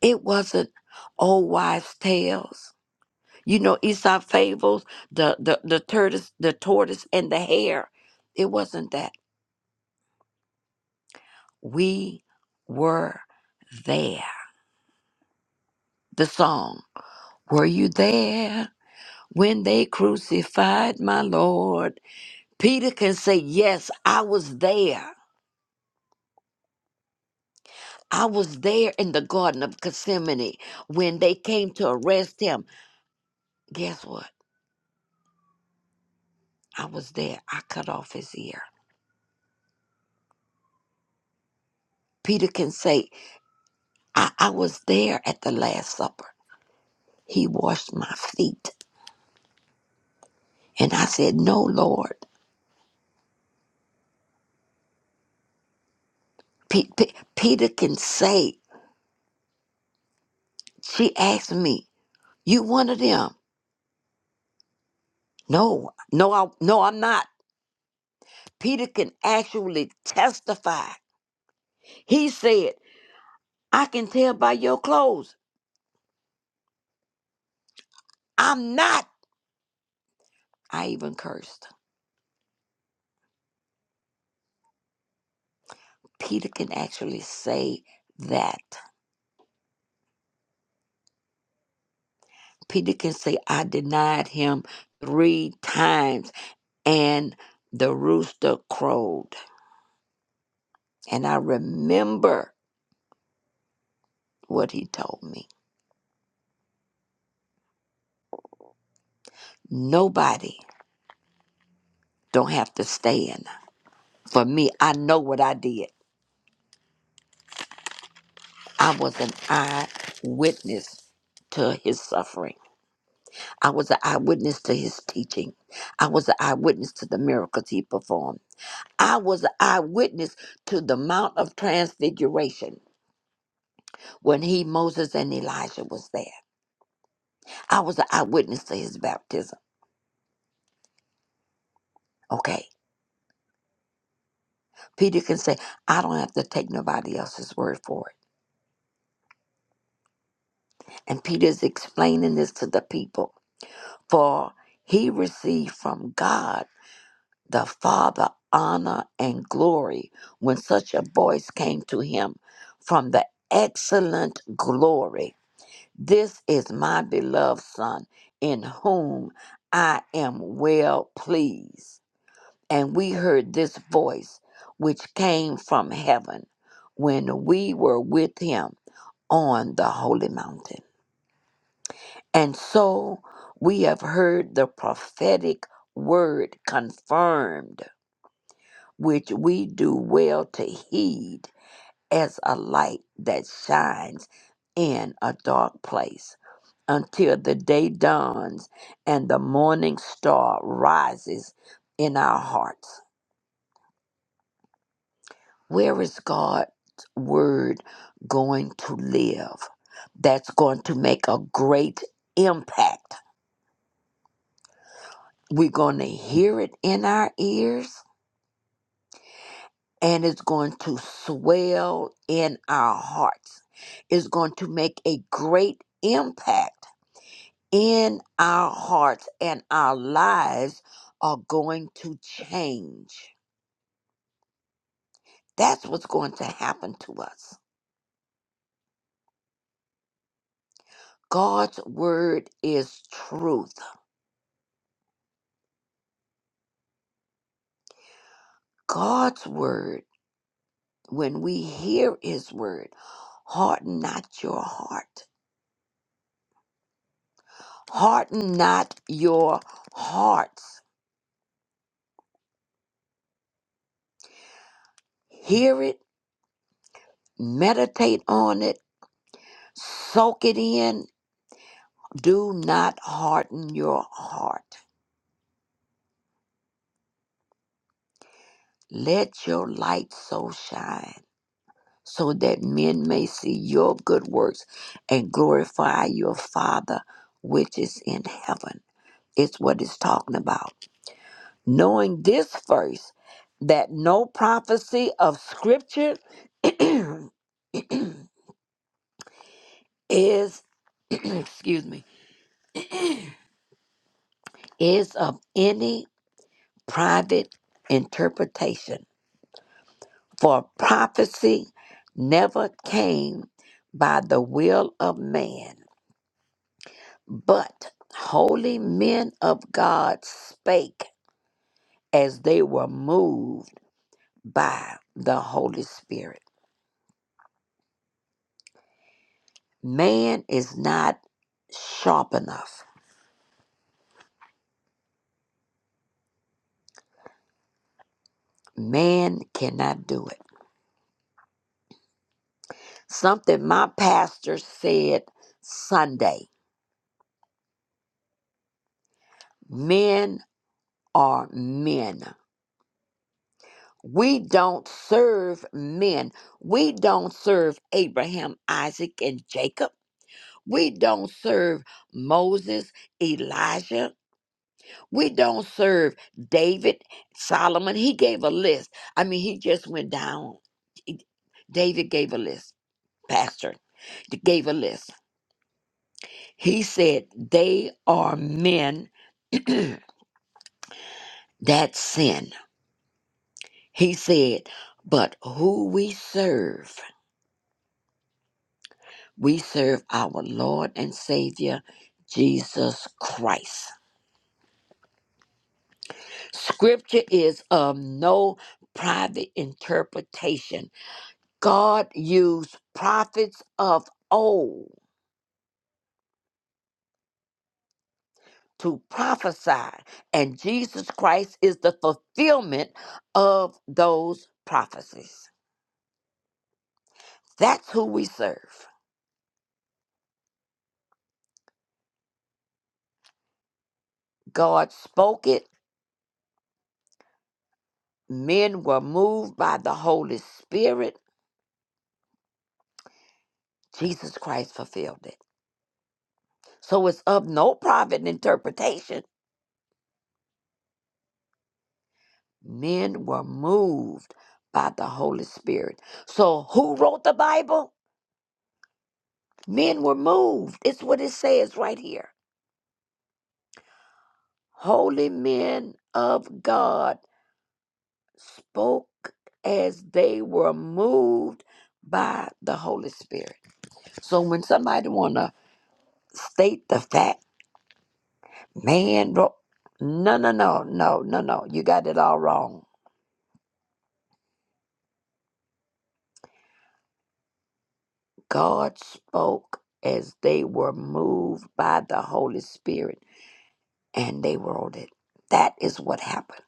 It wasn't old wives' tales. You know, Aesop fables, the the the tortoise, the tortoise and the hare. It wasn't that. We were there. The song. Were you there when they crucified my Lord? Peter can say, Yes, I was there. I was there in the Garden of Gethsemane when they came to arrest him. Guess what? I was there. I cut off his ear. Peter can say, I, I was there at the Last Supper. He washed my feet. And I said, No, Lord. Pe- Pe- Peter can say, She asked me, You one of them? No, no, I, no, I'm not. Peter can actually testify. He said, I can tell by your clothes. I'm not. I even cursed. Peter can actually say that. Peter can say, I denied him three times and the rooster crowed. And I remember what he told me. Nobody don't have to stand. For me, I know what I did. I was an eyewitness to his suffering. I was an eyewitness to his teaching. I was an eyewitness to the miracles he performed. I was an eyewitness to the Mount of Transfiguration when he, Moses, and Elijah was there. I was an eyewitness to his baptism. Okay. Peter can say, I don't have to take nobody else's word for it. And Peter's explaining this to the people. For he received from God the Father honor and glory when such a voice came to him from the excellent glory. This is my beloved Son, in whom I am well pleased. And we heard this voice which came from heaven when we were with him on the holy mountain. And so we have heard the prophetic word confirmed, which we do well to heed as a light that shines in a dark place until the day dawns and the morning star rises in our hearts. Where is God's word going to live? That's going to make a great impact We're going to hear it in our ears and it's going to swell in our hearts. It's going to make a great impact in our hearts and our lives are going to change. That's what's going to happen to us. God's word is truth. God's word, when we hear his word, harden not your heart. Harden not your hearts Hear it, meditate on it, soak it in. Do not harden your heart. Let your light so shine so that men may see your good works and glorify your Father which is in heaven. It's what it's talking about. Knowing this first, that no prophecy of Scripture is, excuse me, is of any private interpretation. For prophecy never came by the will of man, but holy men of God spake as they were moved by the Holy Spirit. Man is not sharp enough. Man cannot do it. Something my pastor said Sunday men are men. We don't serve men. We don't serve Abraham, Isaac, and Jacob. We don't serve Moses, Elijah. We don't serve David, Solomon. He gave a list. I mean, he just went down. He- David gave a list. Pastor gave a list. He said, They are men that sin. He said, But who we serve. We serve our Lord and Savior, Jesus Christ. Scripture is of no private interpretation. God used prophets of old to prophesy, and Jesus Christ is the fulfillment of those prophecies. That's who we serve. God spoke it, men were moved by the Holy Spirit. Jesus Christ fulfilled it. So it's of no private interpretation. Men were moved by the Holy Spirit. So who wrote the Bible? Men were moved. It's what it says right here. Holy men of God spoke as they were moved by the Holy Spirit. So when somebody wanna state the fact, man wrote no no no no no no you got it all wrong God spoke as they were moved by the Holy Spirit and they wrote it. That is what happened.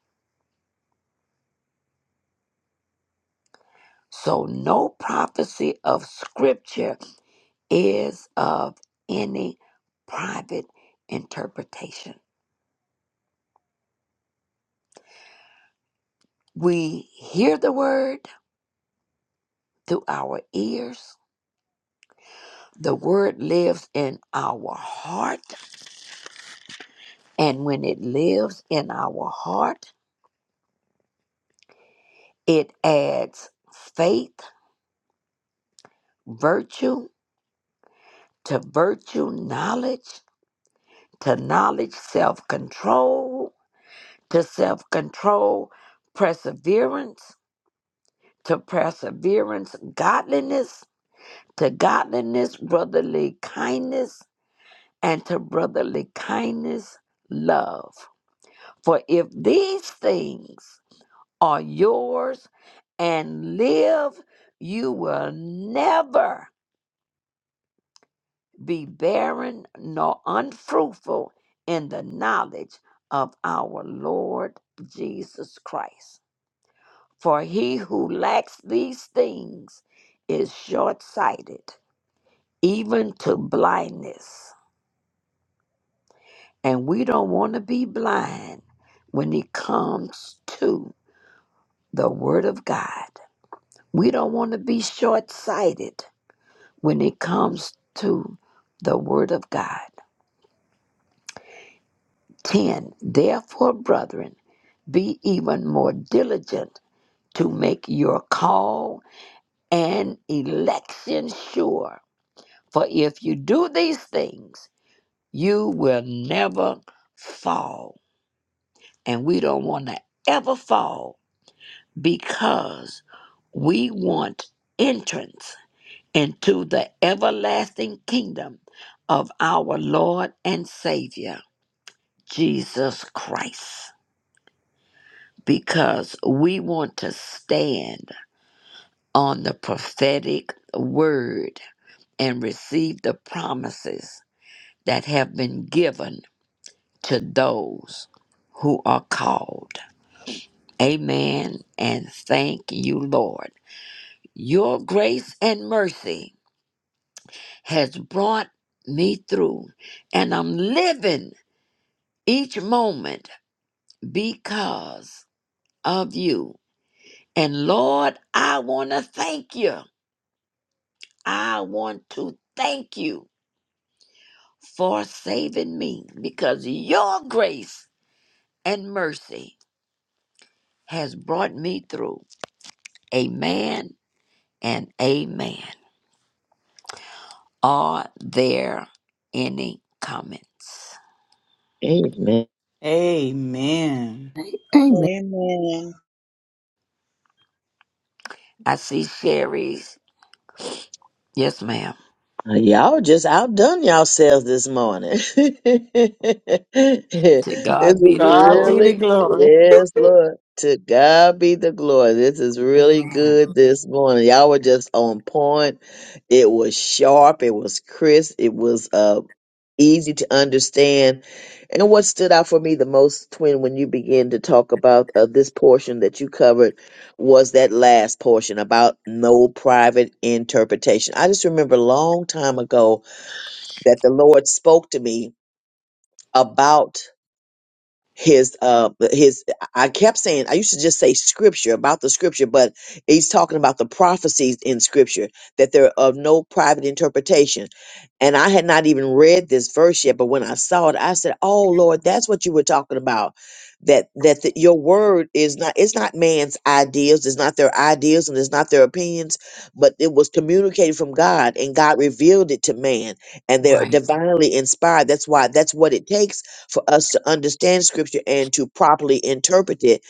So, no prophecy of Scripture is of any private interpretation. We hear the word through our ears, the word lives in our heart, and when it lives in our heart, it adds faith, virtue, to virtue knowledge, to knowledge self control, to self control perseverance, to perseverance godliness, to godliness brotherly kindness, and to brotherly kindness love. For if these things are yours and live, you will never be barren nor unfruitful in the knowledge of our Lord Jesus Christ. For he who lacks these things is short sighted, even to blindness. And we don't want to be blind when it comes to the Word of God. We don't want to be short sighted when it comes to the Word of God. 10 Therefore, brethren, be even more diligent to make your call and election sure. For if you do these things, you will never fall. And we don't want to ever fall because we want entrance into the everlasting kingdom of our Lord and Savior, Jesus Christ. because we want to stand on the prophetic word and receive the promises that have been given to those who are called. Amen. And thank you, Lord. Your grace and mercy has brought me through, and I'm living each moment because of you. And Lord, I want to thank you I want to thank you for saving me because your grace and mercy has brought me through. Amen and amen. Are there any comments? Amen. Amen. Amen. I see Sherry's. Yes, ma'am. Uh, Y'all just outdone yourselves this morning. this To God is be the God be the glory. really, glory. yes, Lord. To God be the glory. This is really Amen. good this morning. Y'all were just on point. It was sharp. It was crisp. It was uh, easy to understand. And what stood out for me the most, Twin, when you began to talk about uh, this portion that you covered was that last portion about no private interpretation. I just remember a long time ago that the Lord spoke to me about his uh his I kept saying I used to just say scripture about the scripture, but he's talking about the prophecies in scripture that they're of no private interpretation. And I had not even read this verse yet, but when I saw it, I said, "Oh Lord, that's what you were talking about." That that the, your word is not it's not man's ideas, it's not their ideas, and it's not their opinions, but it was communicated from God, and God revealed it to man, and they're Right. divinely inspired. That's why that's what it takes for us to understand scripture and to properly interpret it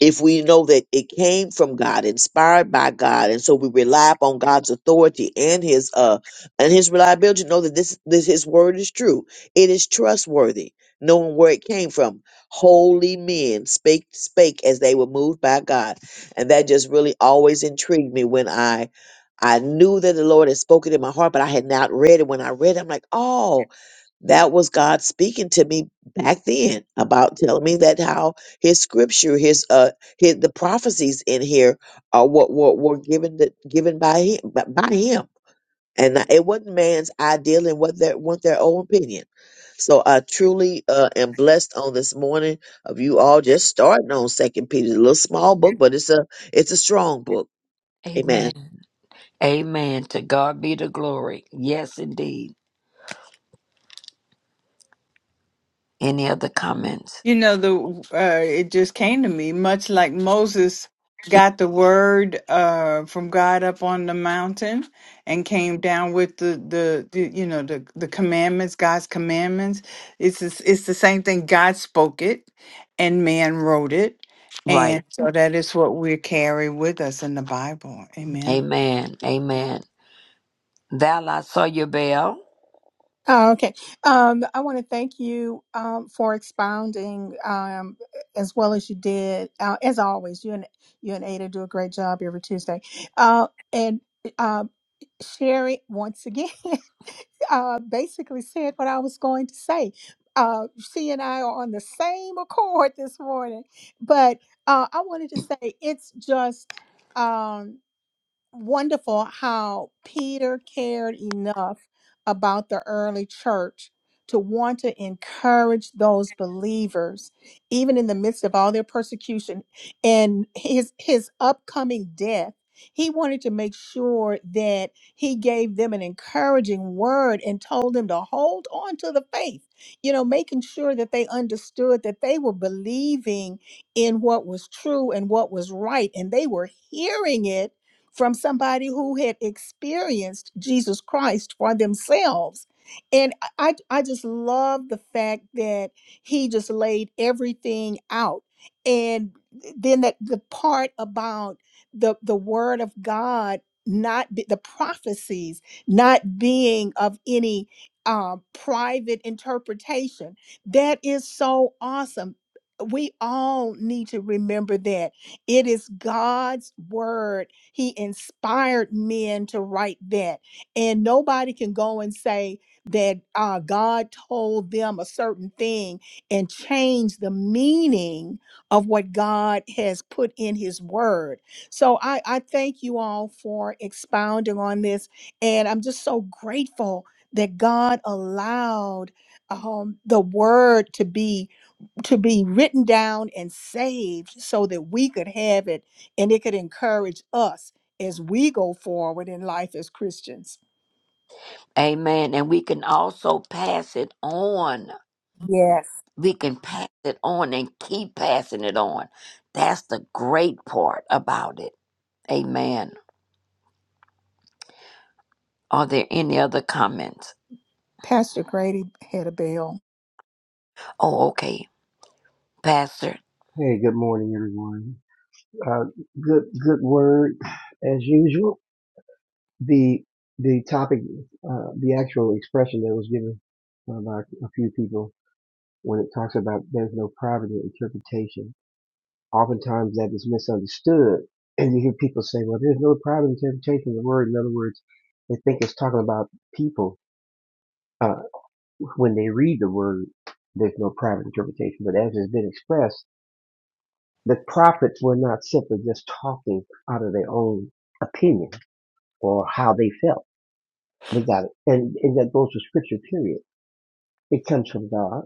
if we know that it came from God, inspired by God, and so we rely upon God's authority and his uh and his reliability to know that this, this his word is true. It is trustworthy, knowing where it came from. Holy men spake spake as they were moved by God. And that just really always intrigued me when I I knew that the Lord had spoken in my heart, but I had not read it. When I read it, I'm like, oh, that was God speaking to me back then about telling me that how His scripture, His uh, his, the prophecies in here are what were, were given the, given by Him by by Him, and it wasn't man's ideal and what their want their own opinion. So I truly uh, am blessed on this morning of you all just starting on Second Peter, It's a little small book, but it's a it's a strong book. Amen. Amen. Amen. To God be the glory. Yes, indeed. Any other comments? You know, the uh, it just came to me, much like Moses got the word uh, from God up on the mountain and came down with the, the, the you know the the commandments, God's commandments. It's the s- it's the same thing. God spoke it, and man wrote it, Right. and so that is what we carry with us in the Bible. Amen. Amen. Amen. Thou La Soyabel. Oh, okay. Um, I want to thank you um, for expounding um, as well as you did. Uh, as always, you and you and Ada do a great job every Tuesday. Uh, and um, Sherry, once again, uh, basically said what I was going to say. Uh, she and I are on the same accord this morning, but uh, I wanted to say it's just. Um, wonderful how Peter cared enough about the early church to want to encourage those believers even in the midst of all their persecution and his his upcoming death he wanted to make sure that he gave them an encouraging word and told them to hold on to the faith you know making sure that they understood that they were believing in what was true and what was right and they were hearing it from somebody who had experienced Jesus Christ for themselves. And I, I just love the fact that he just laid everything out. And then that the part about the, the word of God, not be, the prophecies, not being of any um, private interpretation, that is so awesome. We all need to remember that it is God's word he inspired men to write that. And nobody can go and say that uh, God told them a certain thing and change the meaning of what God has put in his word. So I, I thank you all for expounding on this. And I'm just so grateful that God allowed um, the word to be to be written down and saved so that we could have it and it could encourage us as we go forward in life as Christians. Amen. And we can also pass it on. Yes. We can pass it on and keep passing it on. That's the great part about it. Amen. Are there any other comments? Pastor Grady had a bell. Oh, okay. Pastor. Hey, good morning, everyone. Uh, good, good word as usual. The the topic, uh, the actual expression that was given uh, by a few people when it talks about there's no private interpretation. Oftentimes that is misunderstood, and you hear people say, "Well, there's no private interpretation of the word." In other words, they think it's talking about people uh, when they read the word. There's no private interpretation, but as it's been expressed The prophets were not simply just talking out of their own opinion or how they felt. They got it. And, and that goes to scripture, period. It comes from God.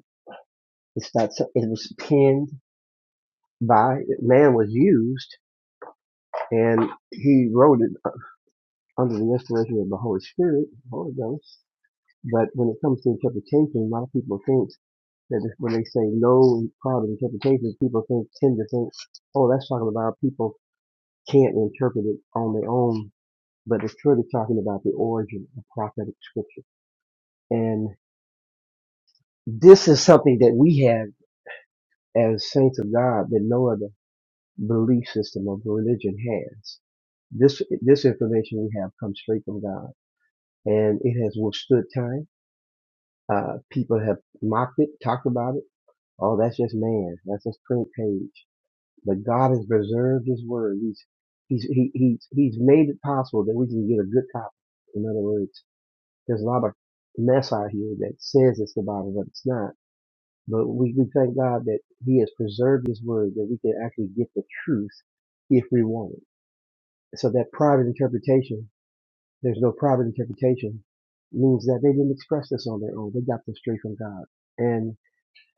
It's not, so- it was penned by, man was used and he wrote it under the inspiration of the Holy Spirit, the Holy Ghost. But when it comes to interpretation, a lot of people think that if- when they say no proud interpretations, people think, tend to think, oh, that's talking about people can't interpret it on their own but it's truly talking about the origin of prophetic scripture. And this is something that we have as saints of God that no other belief system of religion has. This, this information we have comes straight from God and it has withstood time. Uh, people have mocked it, talked about it. Oh, that's just man. That's just print page. But God has preserved his word. He's, he's, he, he's, he's made it possible that we can get a good copy. In other words, There's a lot of mess out here that says it's the Bible, but it's not. But we, we thank God that He has preserved His Word, that we can actually get the truth if we want it. So that private interpretation, there's no private interpretation, means that they didn't express this on their own. They got this straight from God. And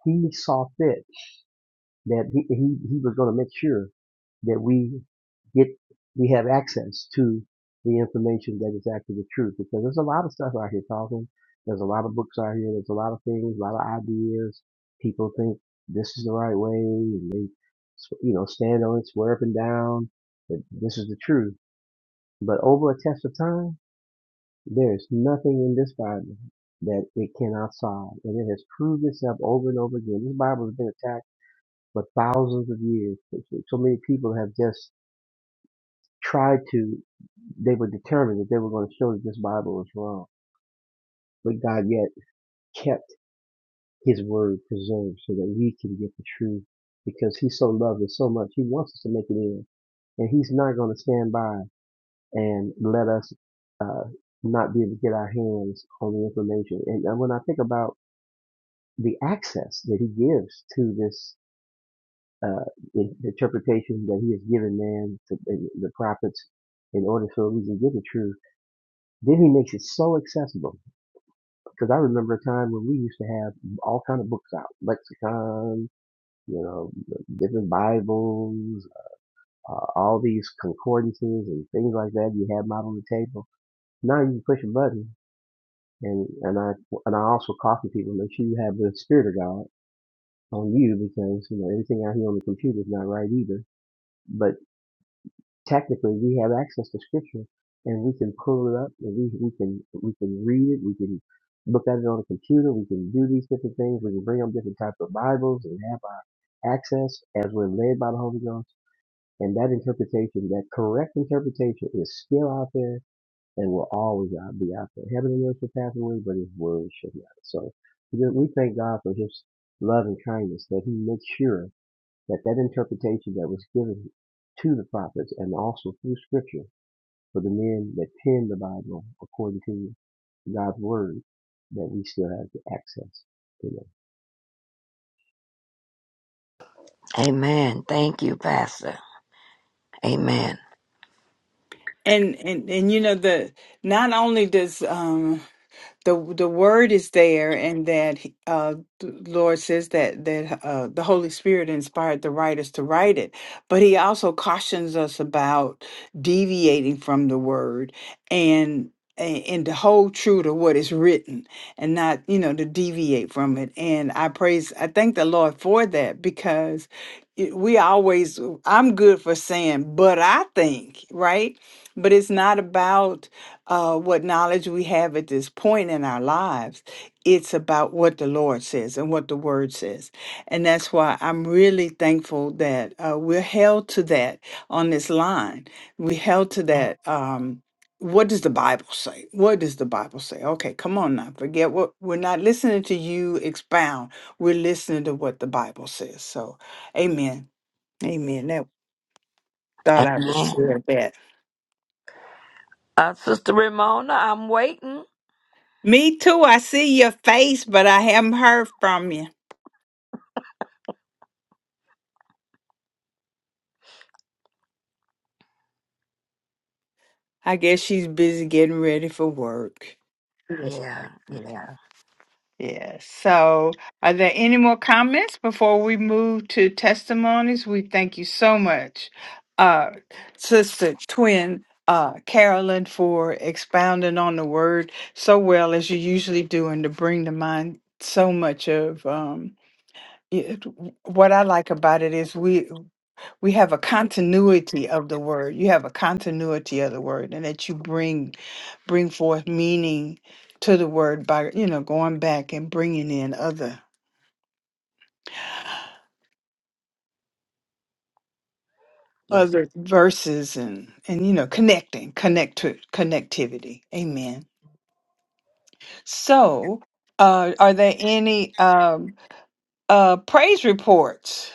He saw fit that he, he, he was going to make sure that we get we have access to the information that is actually the truth because there's a lot of stuff out here talking there's a lot of books out here there's a lot of things a lot of ideas people think this is the right way and they you know stand on it swear up and down that this is the truth but over a test of time there's nothing in this bible that it cannot solve and it has proved itself over and over again this bible has been attacked for thousands of years. So many people have just tried to, they were determined that they were going to show that this Bible was wrong. But God yet kept his word preserved so that we can get the truth because he so loved us so much. He wants us to make it in. And he's not going to stand by and let us uh, not be able to get our hands on the information. And, and when I think about the access that he gives to this uh, the interpretation that he has given man to and the prophets in order so we can get the truth. Then he makes it so accessible. Because I remember a time when we used to have all kind of books out, lexicon, you know, different Bibles, uh, all these concordances and things like that. You have them out on the table. Now you can push a button, and and I and I also caution people make sure you have the Spirit of God on you because you know anything out here on the computer is not right either. But technically we have access to scripture and we can pull it up and we, we can we can read it we can look at it on a computer we can do these different things we can bring up different types of bibles and have our access as we're led by the holy ghost and that interpretation that correct interpretation is still out there and will always out- be out there heaven and earth will pass away but his word should not so we we thank god for his love and kindness that he makes sure that that interpretation that was given to the prophets and also through scripture for the men that penned the Bible according to God's word, that we still have the access to Amen. Thank you, Pastor. Amen. And and and you know the not only does um the the word is there and that uh the lord says that that uh the holy spirit inspired the writers to write it but he also cautions us about deviating from the word and a- and to hold true to what is written and not you know to deviate from it and i praise i thank the lord for that because it, we always i'm good for saying but i think right but it's not about uh, what knowledge we have at this point in our lives. It's about what the Lord says and what the Word says. And that's why I'm really thankful that uh, we're held to that on this line. We're held to that. Um, what does the Bible say? What does the Bible say? Okay, come on now. Forget what we're not listening to you expound. We're listening to what the Bible says. So, amen. Amen. That thought I would Amen. share that. Uh, Sister Ramona, I'm waiting. Me too. I see your face, but I haven't heard from you. I guess she's busy getting ready for work. Yeah, Yeah. yeah. yeah, yeah. So, are there any more comments before we move to testimonies? We thank you so much, uh, Sister Twin uh, Carolyn, for expounding on the word so well as you usually do, and to bring to mind so much of um, it, what I like about it is we. we have a continuity of the word you have a continuity of the word and that you bring bring forth meaning to the word by you know going back and bringing in other Yes. other verses and and you know connecting connect to connectivity amen so uh are there any um uh praise reports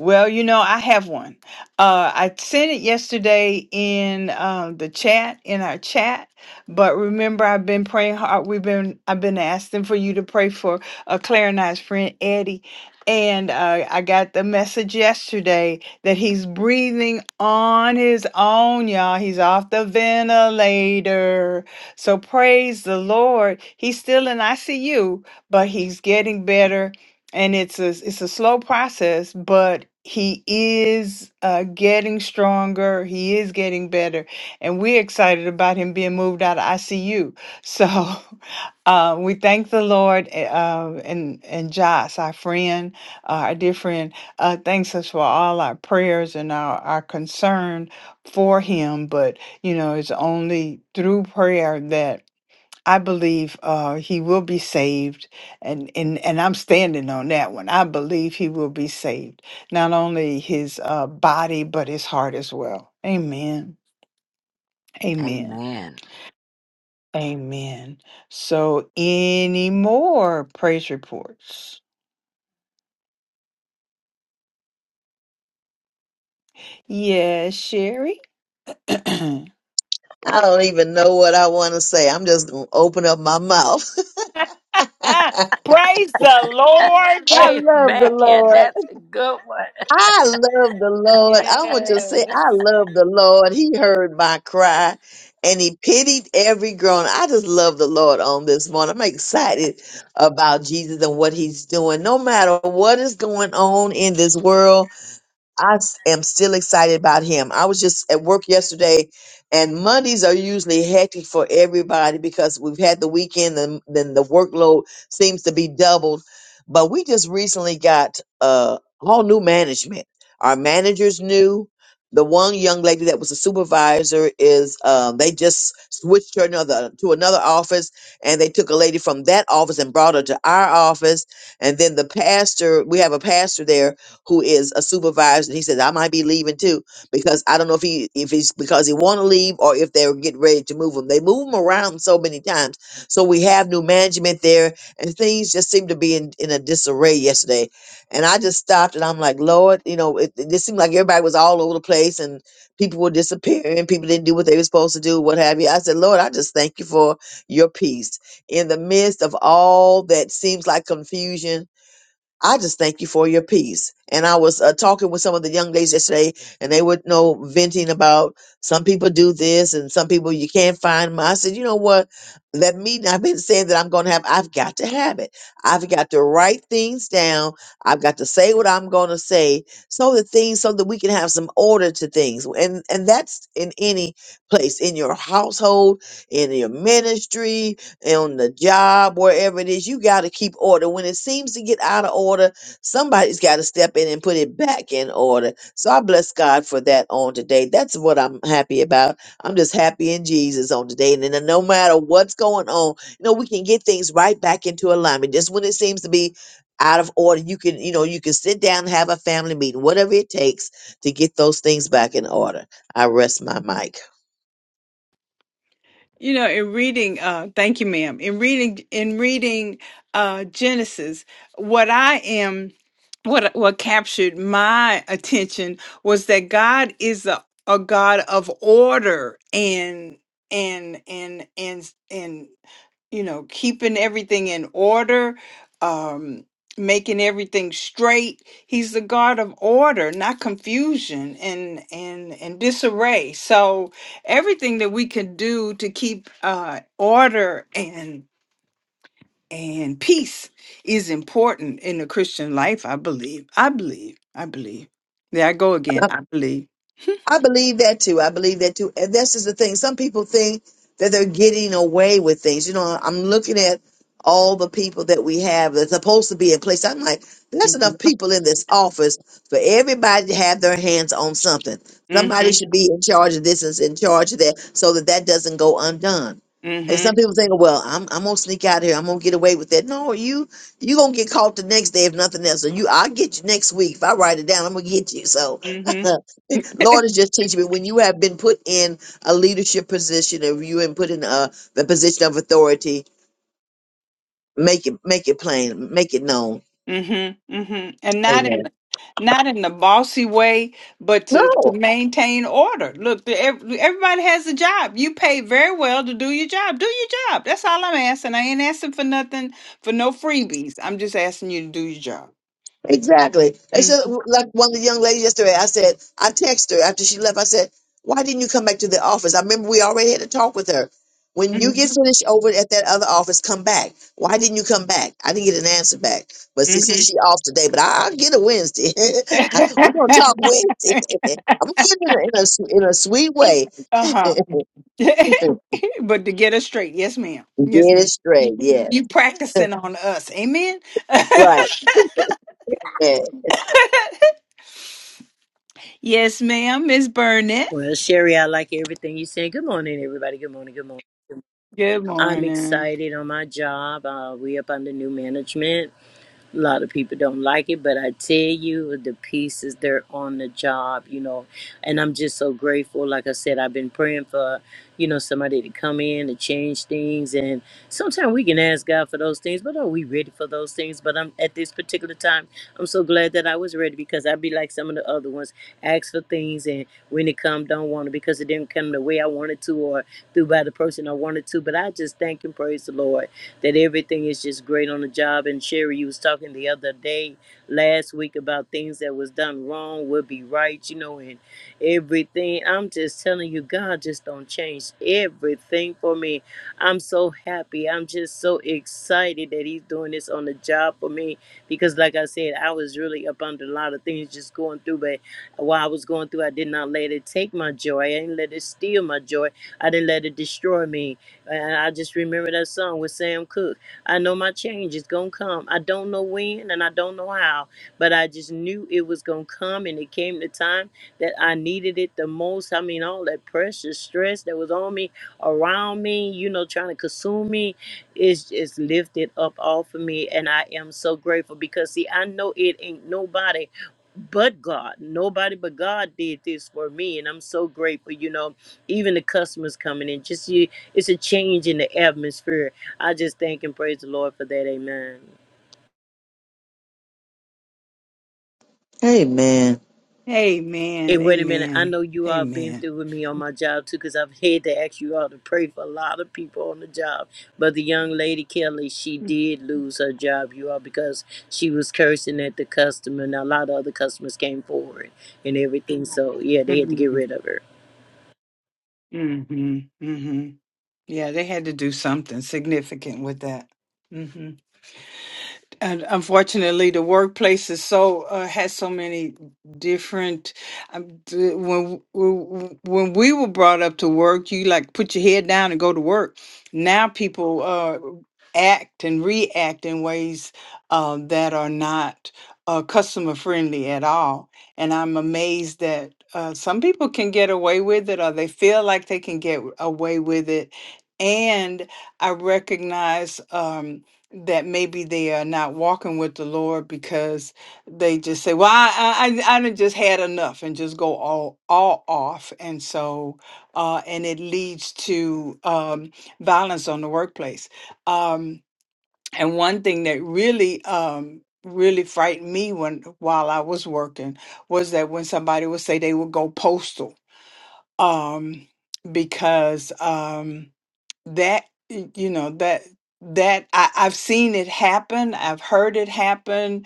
Well, you know, I have one. Uh, I sent it yesterday in um, the chat, in our chat. But remember, I've been praying hard. We've been, I've been asking for you to pray for uh, Claire and I's friend Eddie. And uh, I got the message yesterday that he's breathing on his own, y'all. He's off the ventilator. So praise the Lord. He's still in ICU, but he's getting better and it's a it's a slow process but he is uh, getting stronger he is getting better and we're excited about him being moved out of icu so uh, we thank the lord a- uh, and and josh our friend uh, our dear friend uh, thanks us for all our prayers and our, our concern for him but you know it's only through prayer that I believe uh, he will be saved, and, and and I'm standing on that one. I believe he will be saved, not only his uh, body but his heart as well. Amen. Amen. Amen. Amen. So, any more praise reports? Yes, Sherry. praise I don't even know what I want to say. I'm just gonna open up my mouth. the Lord. I love the Amen. Lord. That's a good one. I love the Lord. I want to just say, I Yes. love the Lord. He heard my cry and he pitied every groan. I just love the Lord on this morning. I'm excited about Jesus and what he's doing. No matter what is going on in this world, I s- am still excited about him. I was just at work yesterday, and Mondays are usually hectic for everybody because we've had the weekend, and then the workload seems to be doubled. But we just recently got uh, all new management. Our manager's new. The one young lady that was a supervisor is um, they just switched her another to another office, and they took a lady from that office and brought her to our office. And then the pastor, we have a pastor there who is a supervisor. And he says, I might be leaving too, because I don't know if he if he's because he want to leave or if they're getting ready to move him. They move him around so many times. So we have new management there and things just seem to be in, in a disarray yesterday. And I just stopped and I'm like, Lord, you know, it, it just seemed like everybody was all over the place and people were disappearing. People didn't do what they were supposed to do, what have you. I said, Lord, I just thank you for your peace in the midst of all that seems like confusion I just thank you for your peace. And I was uh, talking with some of the young ladies yesterday, and they were you know venting about some people do this and some people you can't find them. I said, you know what? Let me. I've been saying that I'm going to have. I've got to have it. I've got to write things down. I've got to say what I'm going to say, so that things, so that we can have some order to things. And and that's in any place, in your household, in your ministry, on the job, wherever it is, you got to keep order. When it seems to get out of order, somebody's got to step in and put it back in order. So I bless God for that on today. That's what I'm happy about. I'm just happy in Jesus on today. And then no matter what's going on, you know, we can get things right back into alignment. Just when it seems to be out of order, you can, you know, you can sit down and have a family meeting, whatever it takes to get those things back in order. I rest my mic. You know, in reading, uh, thank you, ma'am. In reading, in reading uh, Genesis, what I am, what what captured my attention was that God is a, a God of order and and and and and you know, keeping everything in order, um, making everything straight. He's the God of order, not confusion and and and disarray. So everything that we can do to keep uh, order and and peace is important in the Christian life. I believe. I believe. I believe. There I go again. I believe. I believe that too. I believe that too. And this is the thing. Some people think that they're getting away with things. You know, I'm looking at all the people that we have that's supposed to be in place. I'm like, there's Mhm. enough people in this office for everybody to have their hands on something. Somebody Mhm. should be in charge of this and in charge of that so that that doesn't go undone. And some Mhm. people think, well, I'm, I'm gonna sneak out here. I'm gonna get away with that. No, you you gonna get caught the next day if nothing else. So you, I'll get you next week if I write it down. I'm gonna get you. So Mhm. Lord is just teaching me when you have been put in a leadership position, if you have been put in a the position of authority, make it make it plain, make it known. Mhm. mhm. And not in Amen. not in the bossy way, but to, to No. maintain order. Look, the, ev- everybody has a job. You pay very well to do your job. Do your job. That's all I'm asking. I ain't asking for nothing for no freebies. I'm just asking you to do your job. Exactly. It's just Mhm. like one of the young ladies yesterday. I said, I texted her after she left. I said, Why didn't you come back to the office? I remember we already had a talk with her. When you get finished over at that other office, come back. Why didn't you come back? I didn't get an answer back. But see, Mhm. see she off today, but I- I'll get a Wednesday. I- We're going to uh-huh. talk Wednesday. I'm going to get it in a, in a, s- in a sweet way. get but to get us straight, yes, ma'am. Yes, it ma'am. You, straight. Yeah. you practicing on us. Amen. Right. Yeah. yes, ma'am. Miss Burnett. Well, Sherry, I like everything you said. Good morning, everybody. Good morning. Good morning. Good I'm morning. excited on my job. Uh, we up under new management. A lot of people don't like it, but I tell you, the pieces, they're on the job, you know. And I'm just so grateful. Like I said, I've been praying for, you know, somebody to come in and change things. And sometimes we can ask God for those things, but are we ready for those things? But I'm at this particular time, I'm so glad that I was ready because I'd be like some of the other ones, ask for things, and when it come, don't want it because it didn't come the way I wanted to or through by the person I wanted to. But I just thank and praise the Lord that everything is just great on the job. And Sherry, you was talking the other day, last week, about things that was done wrong will be right, you know, and everything. I'm just telling you, God just don't change everything for me. I'm so happy. I'm just so excited that He's doing this on the job for me because, like I said, I was really up under a lot of things just going through, but while I was going through, I did not let it take my joy. I didn't let it steal my joy. I didn't let it destroy me. And I just remember that song with Sam Cooke. I know my change is going to come. I don't know when and I don't know how, but I just knew it was going to come. And it came the time that I needed it the most. I mean, all that pressure, stress that was on me, around me, you know, trying to consume me, is just lifted up off of me. And I am so grateful because, see, I know it ain't nobody but God. Nobody but God did this for me. And I'm so grateful, you know even the customers coming in. Just you, it's a change in the atmosphere. I just thank and praise the Lord for that. Amen. Amen. Amen. And wait a minute, I Amen. know you all been Amen. through with me on my job too, because I've had to ask you all to pray for a lot of people on the job. But the young lady Kelly, she did lose her job, you all, because she was cursing at the customer, and a lot of other customers came forward and everything. So yeah, they had to get Mm-hmm. rid of her. Mm-hmm. Mm-hmm. Yeah, they had to do something significant with that. Mm-hmm. and unfortunately the workplace is so uh, has so many different um, d- when w- when we were brought up to work you like put your head down and go to work now people uh act and react in ways um, that are not uh, customer friendly at all and i'm amazed that uh, some people can get away with it or they feel like they can get away with it and i recognize um, that maybe they are not walking with the Lord because they just say, "Well, I I I done just had enough," and just go all all off, and so uh, and it leads to um, violence on the workplace. Um, and one thing that really um, really frightened me when while I was working was that when somebody would say they would go postal um, because. Um, that y- you know that that I, I've seen it happen. I've heard it happen.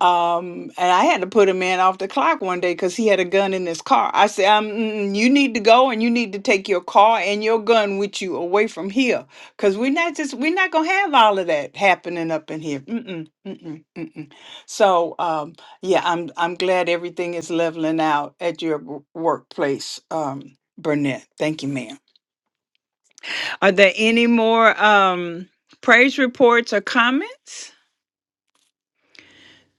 Um, and I had to put a man off the clock one day because he had a gun in his car. I said, um, mm, mm, you need to go and you need to take your car and your gun with you away from here. Cause we're not just, we're not going to have all of that happening up in here. Mm-mm, mm-mm, mm-mm. So, um, yeah, I'm, I'm glad everything is leveling out at your w- workplace. Um, Burnett. Thank you, ma'am. Are there any more um, praise reports or comments?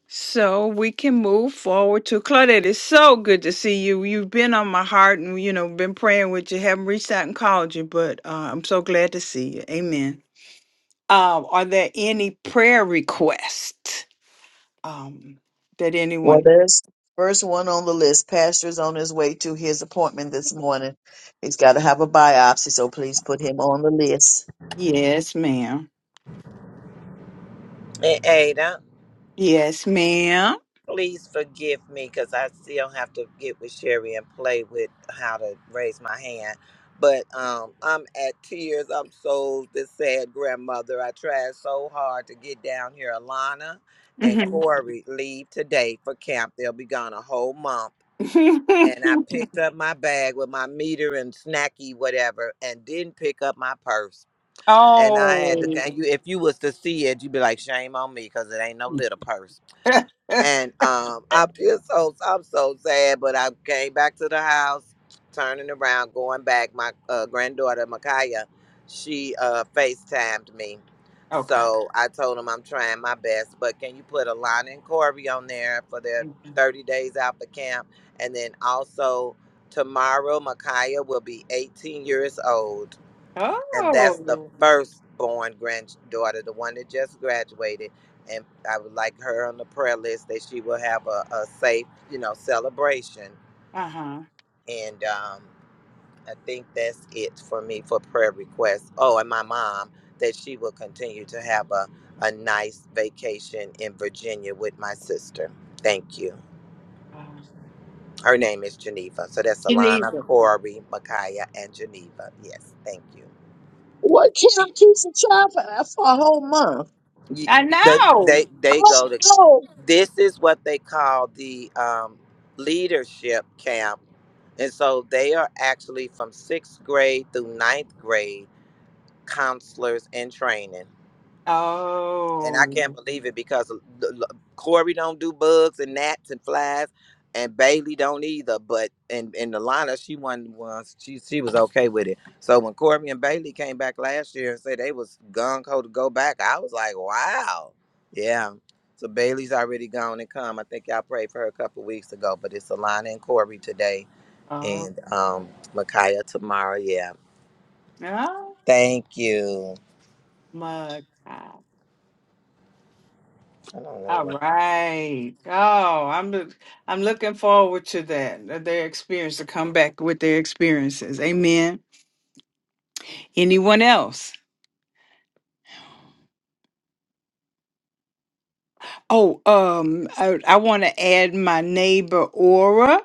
So we can move forward to Claudette. It's so good to see you. You've been on my heart and, you know, been praying with you. Haven't reached out and called you, but uh, I'm so glad to see you. Amen. Uh, are there any prayer requests um, that Well, anyone? there's first one on the list. Pastor's on his way to his appointment this morning. He's got to have a biopsy, so please put him on the list. Yes, ma'am. Hey, Yes, madam Please forgive me because I still have to get with Sherry and play with how to raise my hand. But um, I'm at tears. I'm so the sad grandmother. I tried so hard to get down here. Alana and Mm-hmm. Corey leave today for camp. They'll be gone a whole month. And I picked up my bag with my meter and snacky whatever, and didn't pick up my purse. And I had to. oh. And you, if you was to see it, you'd be like, "Shame on me," because it ain't no little purse. And um, I feel so I'm so sad, but I came back to the house, turning around, going back. My uh, granddaughter Micaiah, she uh, FaceTimed me, okay. so I told him I'm trying my best. But can you put Alana and Corey on there for their Mhm. 30 days out for camp, and then also tomorrow Micaiah will be 18 years old and that's the Oh. firstborn granddaughter, the one that just graduated. And I would like her on the prayer list that she will have a, a safe, you know, celebration. Uh huh. And um, I think that's it for me for prayer requests. Oh, and my mom that she will continue to have a, a nice vacation in Virginia with my sister. Thank you. Oh. Her name is Geneva. So that's Alana, Geneva. Corey, Micaiah, and Geneva. Yes, thank you. What Kim keeps a child for, for a whole month? Ye- I They know. they they Oh go to no. this is what they call the um, leadership camp. And so they are actually from sixth grade through ninth grade counselors in training and I can't Oh. believe it because l- l- Corey don't do bugs and gnats and flies, and Bailey don't either. But and and Alana, she wasn't was she she was okay with it. So when Corey and Bailey came back last year and said they was gung ho to go back, I was like, wow, yeah. So Bailey's already gone and come. I think y'all prayed for her a couple weeks ago, but it's Alana and Corey today, Oh. and um, Micaiah tomorrow. Yeah, Oh. thank you. My God. I don't know. All right. Oh, I'm look, I'm looking forward to that. that Their experience to come back with their experiences. Amen. Anyone else? Oh, um, I, I want to add my neighbor Aura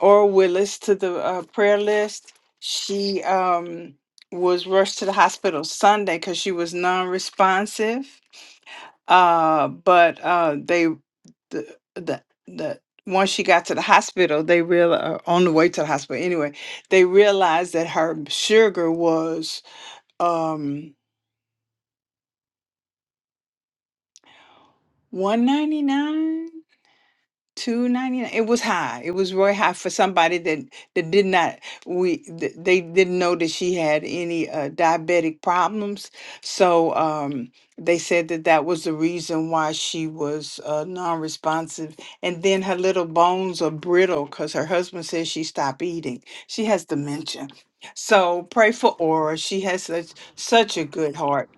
Aura Willis to the uh, prayer list. She um was rushed to the hospital Sunday because she was non-responsive uh but uh they the the, the once she got to the hospital they real uh, on the way to the hospital anyway they realized that her sugar was um 199 Two ninety nine. It was high. It was really high for somebody that that did not we th- they didn't know that she had any uh, diabetic problems. So um, they said that that was the reason why she was uh, non-responsive. And then her little bones are brittle because her husband says she stopped eating. She has dementia. So pray for Aura. She has such such a good heart.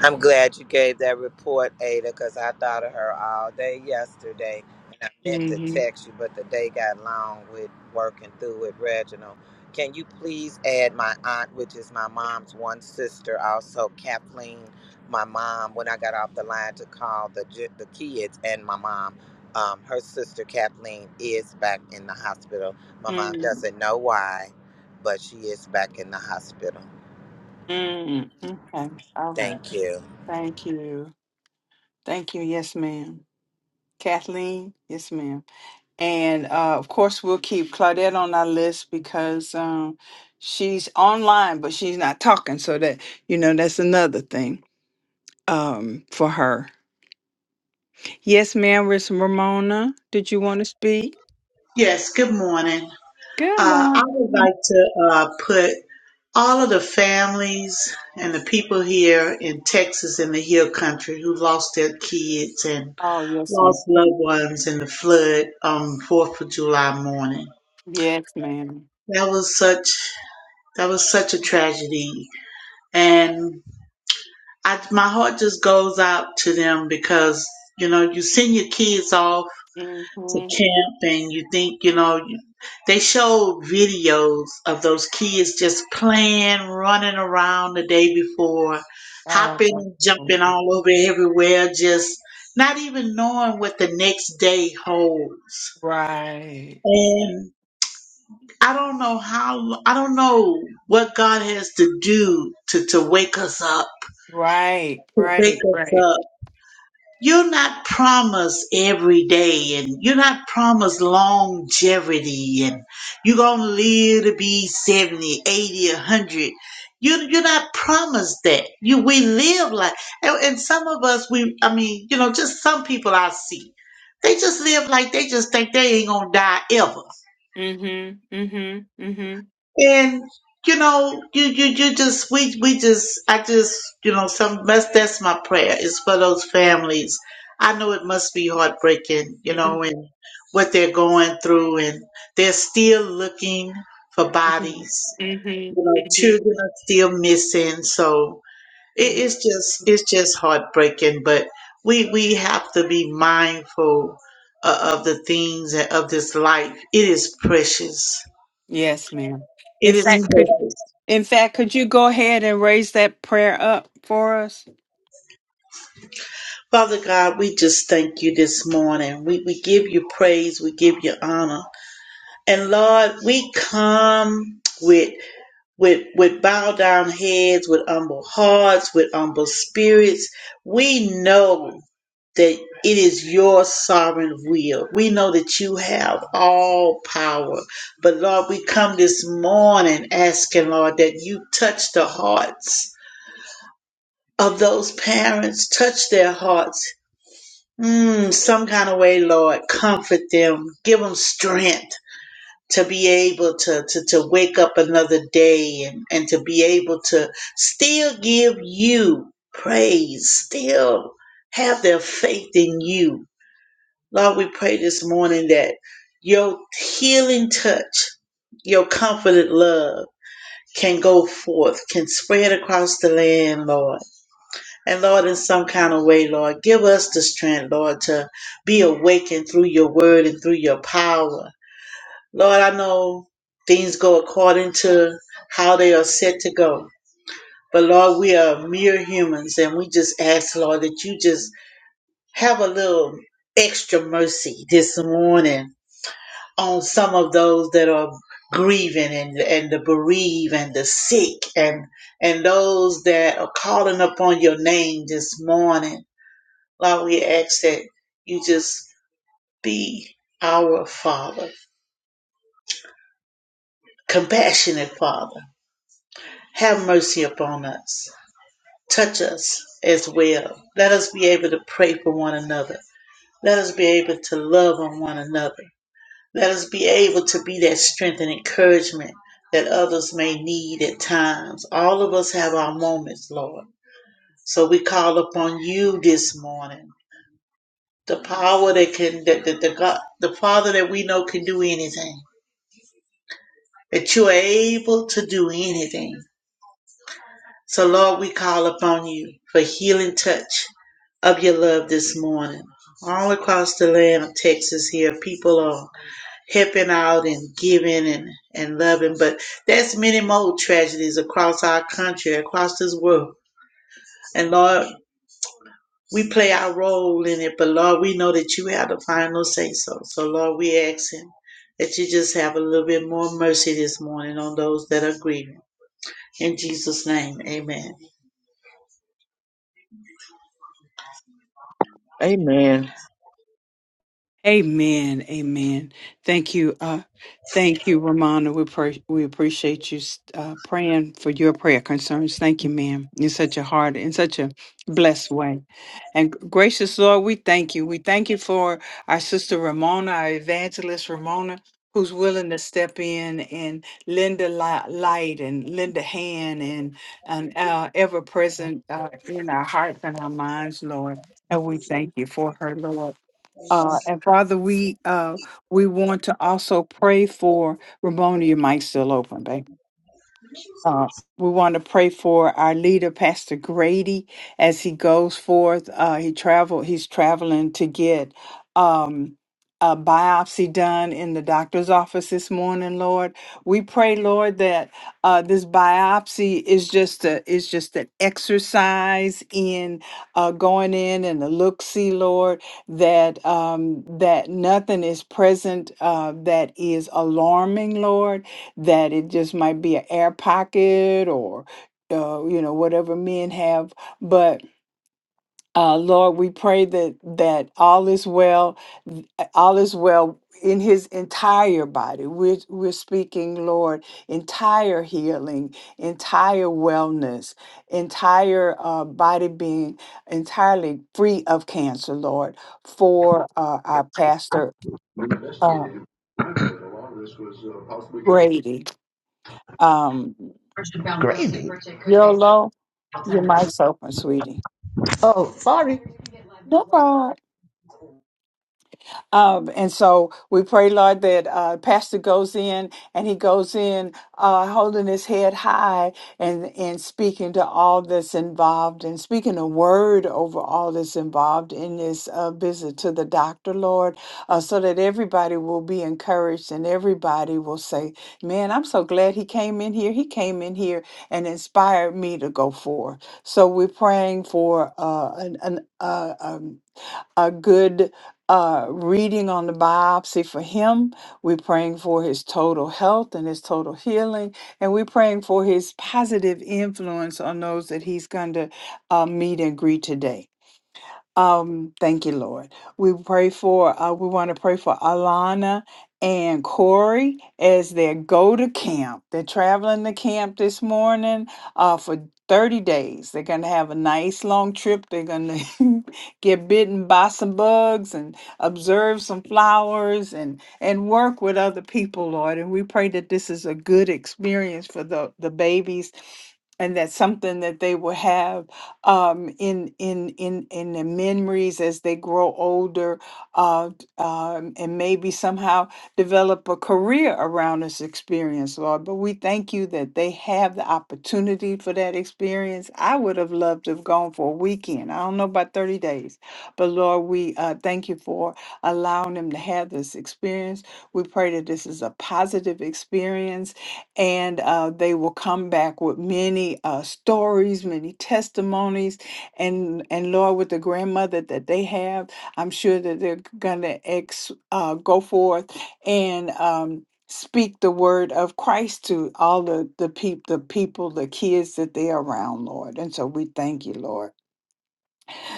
I'm glad you gave that report, Ada, because I thought of her all day yesterday. And I meant to Mm-hmm. text you, but the day got long with working through with Reginald. Can you please add my aunt, which is my mom's one sister, also Kathleen, my mom, when I got off the line to call the, ju- the kids and my mom? Um, her sister Kathleen is back in the hospital. My mom doesn't know why, but she is back in the hospital. Mm-hmm. Okay. All right. Thank you. Thank you. Thank you. Yes, ma'am. Kathleen, yes, ma'am. And uh, of course, we'll keep Claudette on our list because um, she's online, but she's not talking. So that, you know, that's another thing um, for her. Yes, ma'am. Miss Ramona, did you want to speak? Yes, good morning. Good Uh, I would morning. like to uh, put all of the families and the people here in Texas in the Hill Country who lost their kids and Oh, yes, lost ma'am. loved ones in the flood on Fourth of July morning. Yes, madam That was such that was such a tragedy, and I, my heart just goes out to them because you know you send your kids off to Mm-hmm. camp and you think you know you, they showed videos of those kids just playing running around the day before Oh, hopping jumping wonderful. all over everywhere just not even knowing what the next day holds right. and i don't know how i don't know what god has to do to to wake us up Right. to wake Right. us Right. up You're not promised every day, and you're not promised longevity, and you're going to live to be 70, 80, 100. You, you're not promised that. You We live like, and, and some of us, we, I mean, you know, just some people I see, they just live like they just think they ain't going to die ever. Mm-hmm. Mm-hmm. Mm-hmm. And you know, you you you just we we just I just you know some that's that's my prayer is for those families. I know it must be heartbreaking, you Mhm, know, and what they're going through, and they're still looking for mhm, bodies. mhm, You know, mhm, children are still missing, so it, mhm. it's just it's just heartbreaking. But we we have to be mindful of, of the things and of this life. It is precious. Yes, ma'am. In It is fact, could precious. in fact, could you go ahead and raise that prayer up for us? Father God, we just thank you this morning. We, we give you praise. We give you honor. And Lord, we come with, with, with bow down heads, with humble hearts, with humble spirits. We know that it is your sovereign will. We know that you have all power. But Lord, we come this morning asking, Lord, that you touch the hearts of those parents, touch their hearts Mm, some kind of way, Lord, comfort them, give them strength to be able to, to, to wake up another day and, and to be able to still give you praise, still have their faith in you. Lord, we pray this morning that your healing touch, your comforted love can go forth, can spread across the land, Lord and Lord, in some kind of way, Lord, give us the strength, Lord, to be awakened through your word and through your power. Lord, I know things go according to how they are set to go. But Lord, we are mere humans and we just ask, Lord, that you just have a little extra mercy this morning on some of those that are grieving and, and the bereaved and the sick and and those that are calling upon your name this morning Lord, we ask that you just be our Father, compassionate Father. Have mercy upon us. Touch us as well. Let us be able to pray for one another. Let us be able to love on one another. Let us be able to be that strength and encouragement that others may need at times. All of us have our moments, Lord. So we call upon you this morning. The power that can, that, that the God, the Father that we know can do anything that you are able to do anything. So, Lord, we call upon you for healing touch of your love this morning. All across the land of Texas here, people are helping out and giving and, and loving, but there's many more tragedies across our country, across this world. And Lord, we play our role in it, but Lord, we know that you have the final say so. So Lord, we ask him that you just have a little bit more mercy this morning on those that are grieving. In Jesus' name, amen. Amen. Amen. Amen. Thank you. Uh, thank you, Ramona. We pray, we appreciate you uh, praying for your prayer concerns. Thank you, ma'am. In such a hard, in such a blessed way, and gracious Lord, we thank you. We thank you for our sister Ramona, our evangelist Ramona. Who's willing to step in and lend a li- light and lend a hand and, and uh, ever present uh, in our hearts and our minds, Lord. And we thank you for her, Lord. Uh, and Father, we, uh, we want to also pray for Ramona, your mic's still open, babe. Uh, we want to pray for our leader, Pastor Grady, as he goes forth. Uh, he travel. He's traveling to get um, a biopsy done in the doctor's office this morning. Lord, we pray, Lord, that uh, this biopsy is just a is just an exercise in uh, going in and a look see, Lord, that um, that nothing is present uh, that is alarming, Lord that it just might be an air pocket or uh, you know whatever men have but uh, lord we pray that that all is well th- all is well in his entire body we're, we're speaking lord entire healing entire wellness entire uh, body being entirely free of cancer lord for uh, our pastor uh, grady um, Gravy. Yolo. You're my soap, my sweetie. Oh, sorry. No problem. Um, and so we pray, Lord, that uh, Pastor goes in and he goes in uh, holding his head high and, and speaking to all that's involved and speaking a word over all that's involved in this uh, visit to the doctor, Lord, uh, so that everybody will be encouraged and everybody will say, Man, I'm so glad he came in here. He came in here and inspired me to go forth. So we're praying for uh, an, an, uh, um a good uh, reading on the biopsy for him. We're praying for his total health and his total healing. And we're praying for his positive influence on those that he's going to uh, meet and greet today. Um, thank you, Lord. We pray for uh, we want to pray for Alana and Corey as they go to camp. They're traveling to camp this morning uh, for 30 days. They're gonna have a nice long trip. They're gonna get bitten by some bugs and observe some flowers and and work with other people, Lord. And we pray that this is a good experience for the the babies and that's something that they will have um, in in in in the memories as they grow older, uh, d- um, and maybe somehow develop a career around this experience, Lord. But we thank you that they have the opportunity for that experience. I would have loved to have gone for a weekend. I don't know about thirty days, but Lord, we uh, thank you for allowing them to have this experience. We pray that this is a positive experience and uh, they will come back with many uh, stories, many testimonies, and and Lord, with the grandmother that they have, I'm sure that they're gonna ex uh, go forth and. Um, Speak the word of Christ to all the the, peop- the people, the kids that they're around, Lord. And so we thank you, Lord.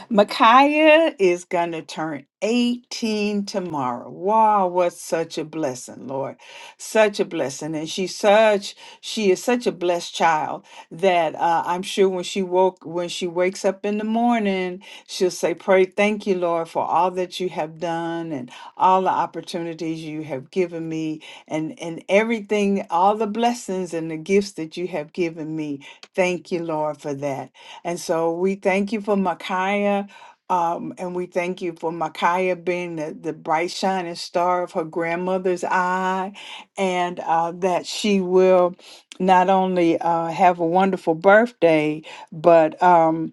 Micaiah is going to turn 18 tomorrow. Wow, what such a blessing, Lord. Such a blessing. And she's such, she is such a blessed child that uh, I'm sure when she woke, when she wakes up in the morning, she'll say, pray, thank you, Lord, for all that you have done and all the opportunities you have given me and, and everything, all the blessings and the gifts that you have given me. Thank you, Lord, for that. And so we thank you for Micaiah. Um, and we thank you for Micaiah being the, the bright shining star of her grandmother's eye, and uh, that she will not only uh, have a wonderful birthday, but um,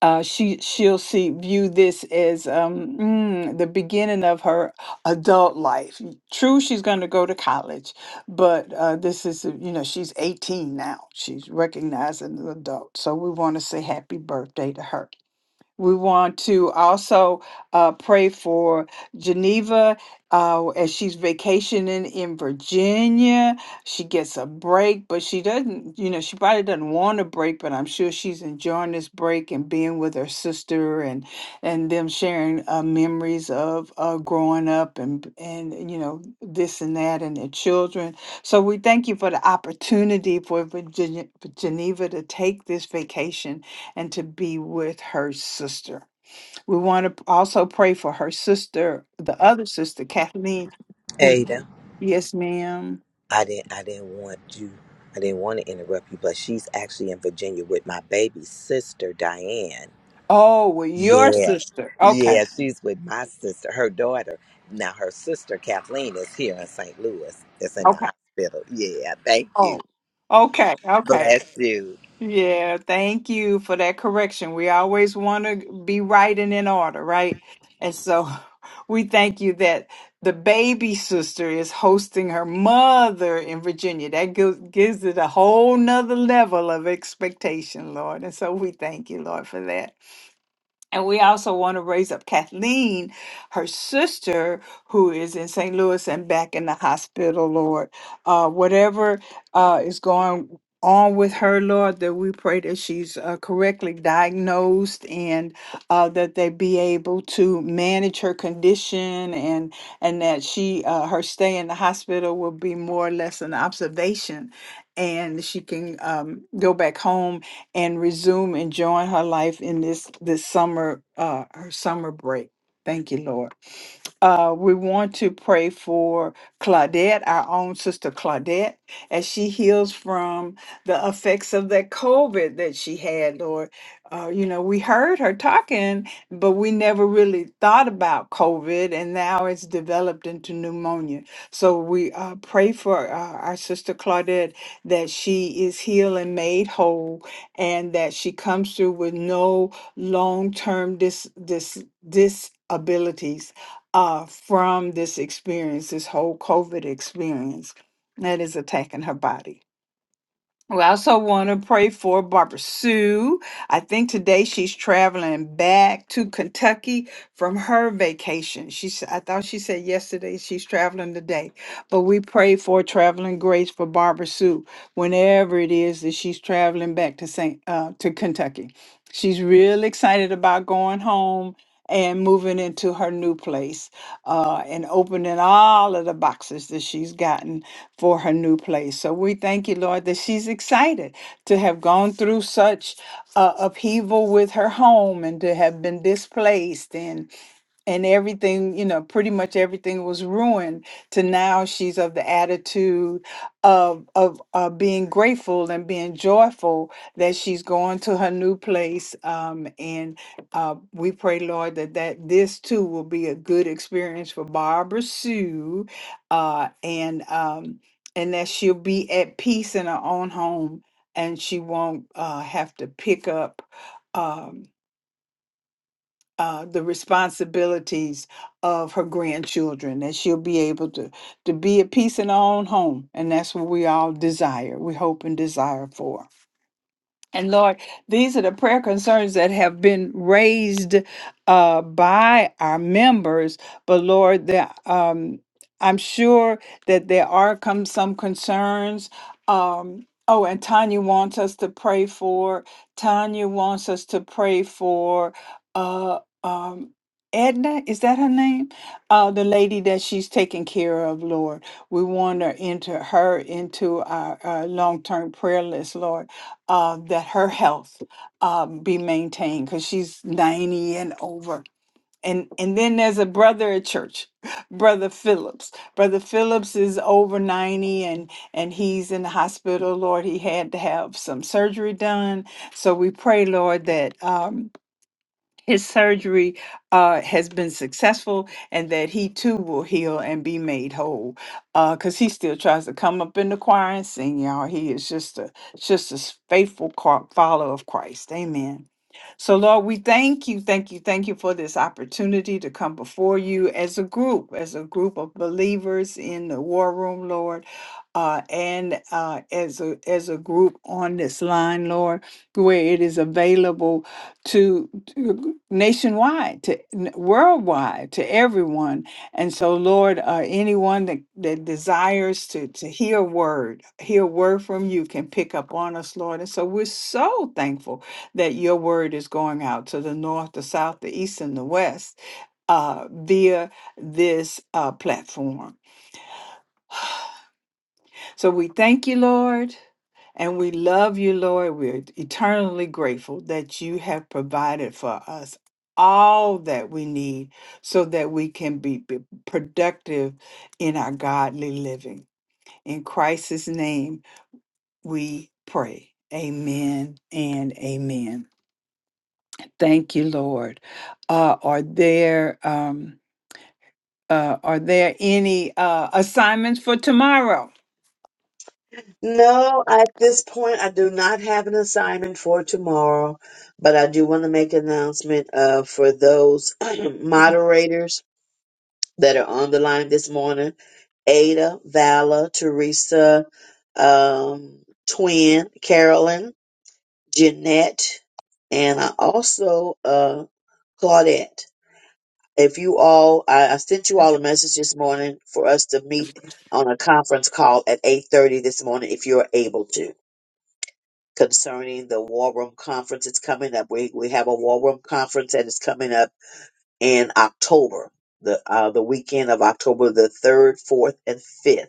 uh, she she'll see view this as um, mm, the beginning of her adult life. True, she's going to go to college, but uh, this is uh, you know she's 18 now. She's recognized as an adult, so we want to say happy birthday to her. We want to also uh, pray for Geneva uh, as she's vacationing in Virginia. She gets a break, but she doesn't, you know, she probably doesn't want a break, but I'm sure she's enjoying this break and being with her sister and and them sharing uh, memories of uh, growing up and and you know this and that and their children. So we thank you for the opportunity for Virginia, Geneva to take this vacation and to be with her sister. We want to also pray for her sister, the other sister, Kathleen. who- Ada. Yes, ma'am. I didn't I didn't want you I didn't want to interrupt you, but she's actually in Virginia with my baby sister Diane. Oh, well, your Yeah. sister. Okay. Yeah, she's with my sister, her daughter. Now her sister Kathleen is here in St. Louis. It's in the Okay. hospital. Yeah, thank you. Oh, okay. Okay. Bless you. Yeah, thank you for that correction. We always want to be right and in order, right? And so we thank you that the baby sister is hosting her mother in Virginia. That gives, gives it a whole nother level of expectation, Lord. And so we thank you, Lord, for that. And we also want to raise up Kathleen, her sister, who is in St. Louis and back in the hospital, Lord. Uh, whatever uh, is going on with her, Lord, that we pray that she's uh, correctly diagnosed and uh, that they be able to manage her condition and and that she uh, her stay in the hospital will be more or less an observation and she can um, go back home and resume enjoying her life in this this summer uh her summer break. Thank you, Lord. Uh, we want to pray for Claudette, our own sister Claudette, as she heals from the effects of that COVID that she had. Or, uh, you know, we heard her talking, but we never really thought about COVID, and now it's developed into pneumonia. So we uh, pray for uh, our sister Claudette that she is healed and made whole, and that she comes through with no long term dis dis disabilities uh, from this experience, this whole COVID experience that is attacking her body. We also want to pray for Barbara Sue. I think today she's traveling back to Kentucky from her vacation. She, s- I thought she said yesterday she's traveling today but we pray for traveling grace for Barbara Sue whenever it is that she's traveling back to Saint uh, to Kentucky. She's real excited about going home and moving into her new place uh, and opening all of the boxes that she's gotten for her new place. So we thank you, Lord, that she's excited to have gone through such uh, upheaval with her home and to have been displaced and and everything you know pretty much everything was ruined to now she's of the attitude of of uh, being grateful and being joyful that she's going to her new place um, and uh, we pray lord that that this too will be a good experience for barbara sue uh, and um, and that she'll be at peace in her own home and she won't uh, have to pick up Um, uh, the responsibilities of her grandchildren, that she'll be able to, to be at peace in her own home. And that's what we all desire, we hope and desire for. And Lord, these are the prayer concerns that have been raised uh, by our members. But Lord, that um, I'm sure that there are come some concerns. Um, oh, and Tanya wants us to pray for. Tanya wants us to pray for. Uh, um, Edna, is that her name? Uh, the lady that she's taking care of, Lord. We want to enter her into our uh, long term prayer list, Lord uh, that her health um, be maintained because she's 90 and over. And, and then there's a brother at church, Brother Phillips. Brother Phillips is over 90 and, and he's in the hospital. Lord, he had to have some surgery done. So we pray, Lord, that. Um, his surgery uh, has been successful and that he too will heal and be made whole because he still tries to come up in the choir and sing y'all he is just a just a faithful co- follower of christ amen so, Lord, we thank you, thank you, thank you for this opportunity to come before you as a group, as a group of believers in the war room, Lord, uh, and uh, as a as a group on this line, Lord, where it is available to, to nationwide, to n- worldwide, to everyone. And so, Lord, uh, anyone that, that desires to to hear word, hear word from you, can pick up on us, Lord. And so, we're so thankful that your word is going out to the north, the south, the east, and the west uh, via this uh, platform. So we thank you, Lord, and we love you, Lord. We're eternally grateful that you have provided for us all that we need so that we can be be productive in our godly living. In Christ's name, we pray. Amen and amen. Thank you, Lord. Uh, are there um, uh, are there any uh, assignments for tomorrow? No, at this point, I do not have an assignment for tomorrow, but I do want to make an announcement uh, for those moderators that are on the line this morning. Ada, Vala, Teresa, um, Twin, Carolyn, Jeanette, and I also uh, Claudette. If you all, I, I sent you all a message this morning for us to meet on a conference call at eight thirty this morning, if you're able to, concerning the War Room conference. It's coming up. We we have a War Room conference and it's coming up in October, the uh, the weekend of October the third, fourth, and fifth.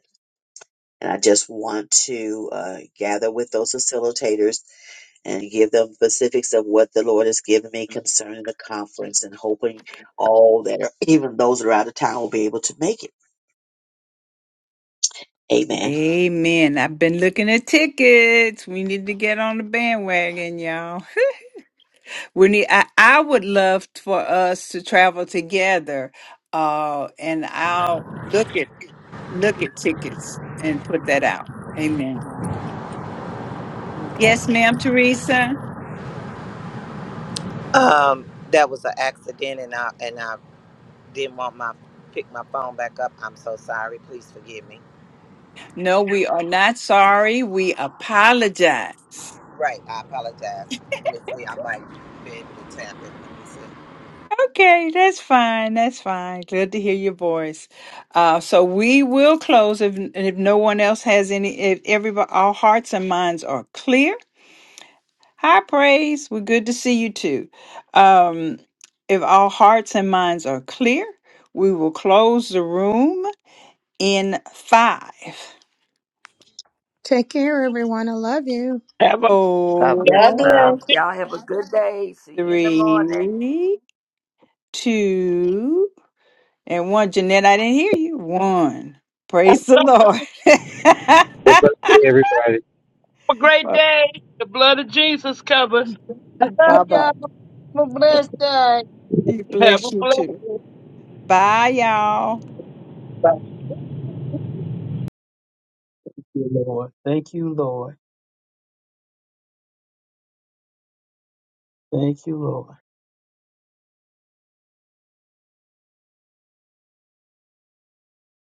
And I just want to uh, gather with those facilitators and give them specifics of what the Lord has given me concerning the conference and hoping all that are, even those that are out of town will be able to make it. Amen. Amen. I've been looking at tickets. We need to get on the bandwagon, y'all. We need. I, I would love for us to travel together. Uh, and I'll look at look at tickets and put that out. Amen. Okay. Yes, ma'am, Teresa. Um, that was an accident and I and I didn't want my pick my phone back up. I'm so sorry. Please forgive me. No, we are not sorry. We apologize. Right, I apologize. Let me see, I might be able to tap it. Let me see. Okay, that's fine. That's fine. Glad to hear your voice. Uh, so we will close if if no one else has any. If everybody, all hearts and minds are clear. High praise. We're good to see you too. Um, if all hearts and minds are clear, we will close the room in five, Take care, everyone. I love you. Have I? God bless Much God four, you. bless. Hello. love. Y'all have a good day. See you in the morning. three, two, and one. Jeanette, I didn't hear you. One. Praise the Lord. them. a great Bye day. The blood of Jesus covers. Love y'all. bye. Have a blessed day. He Have a bless you too. blessed Bye, y'all. day. Thank you, Lord. Thank you, Lord. Thank you, Lord.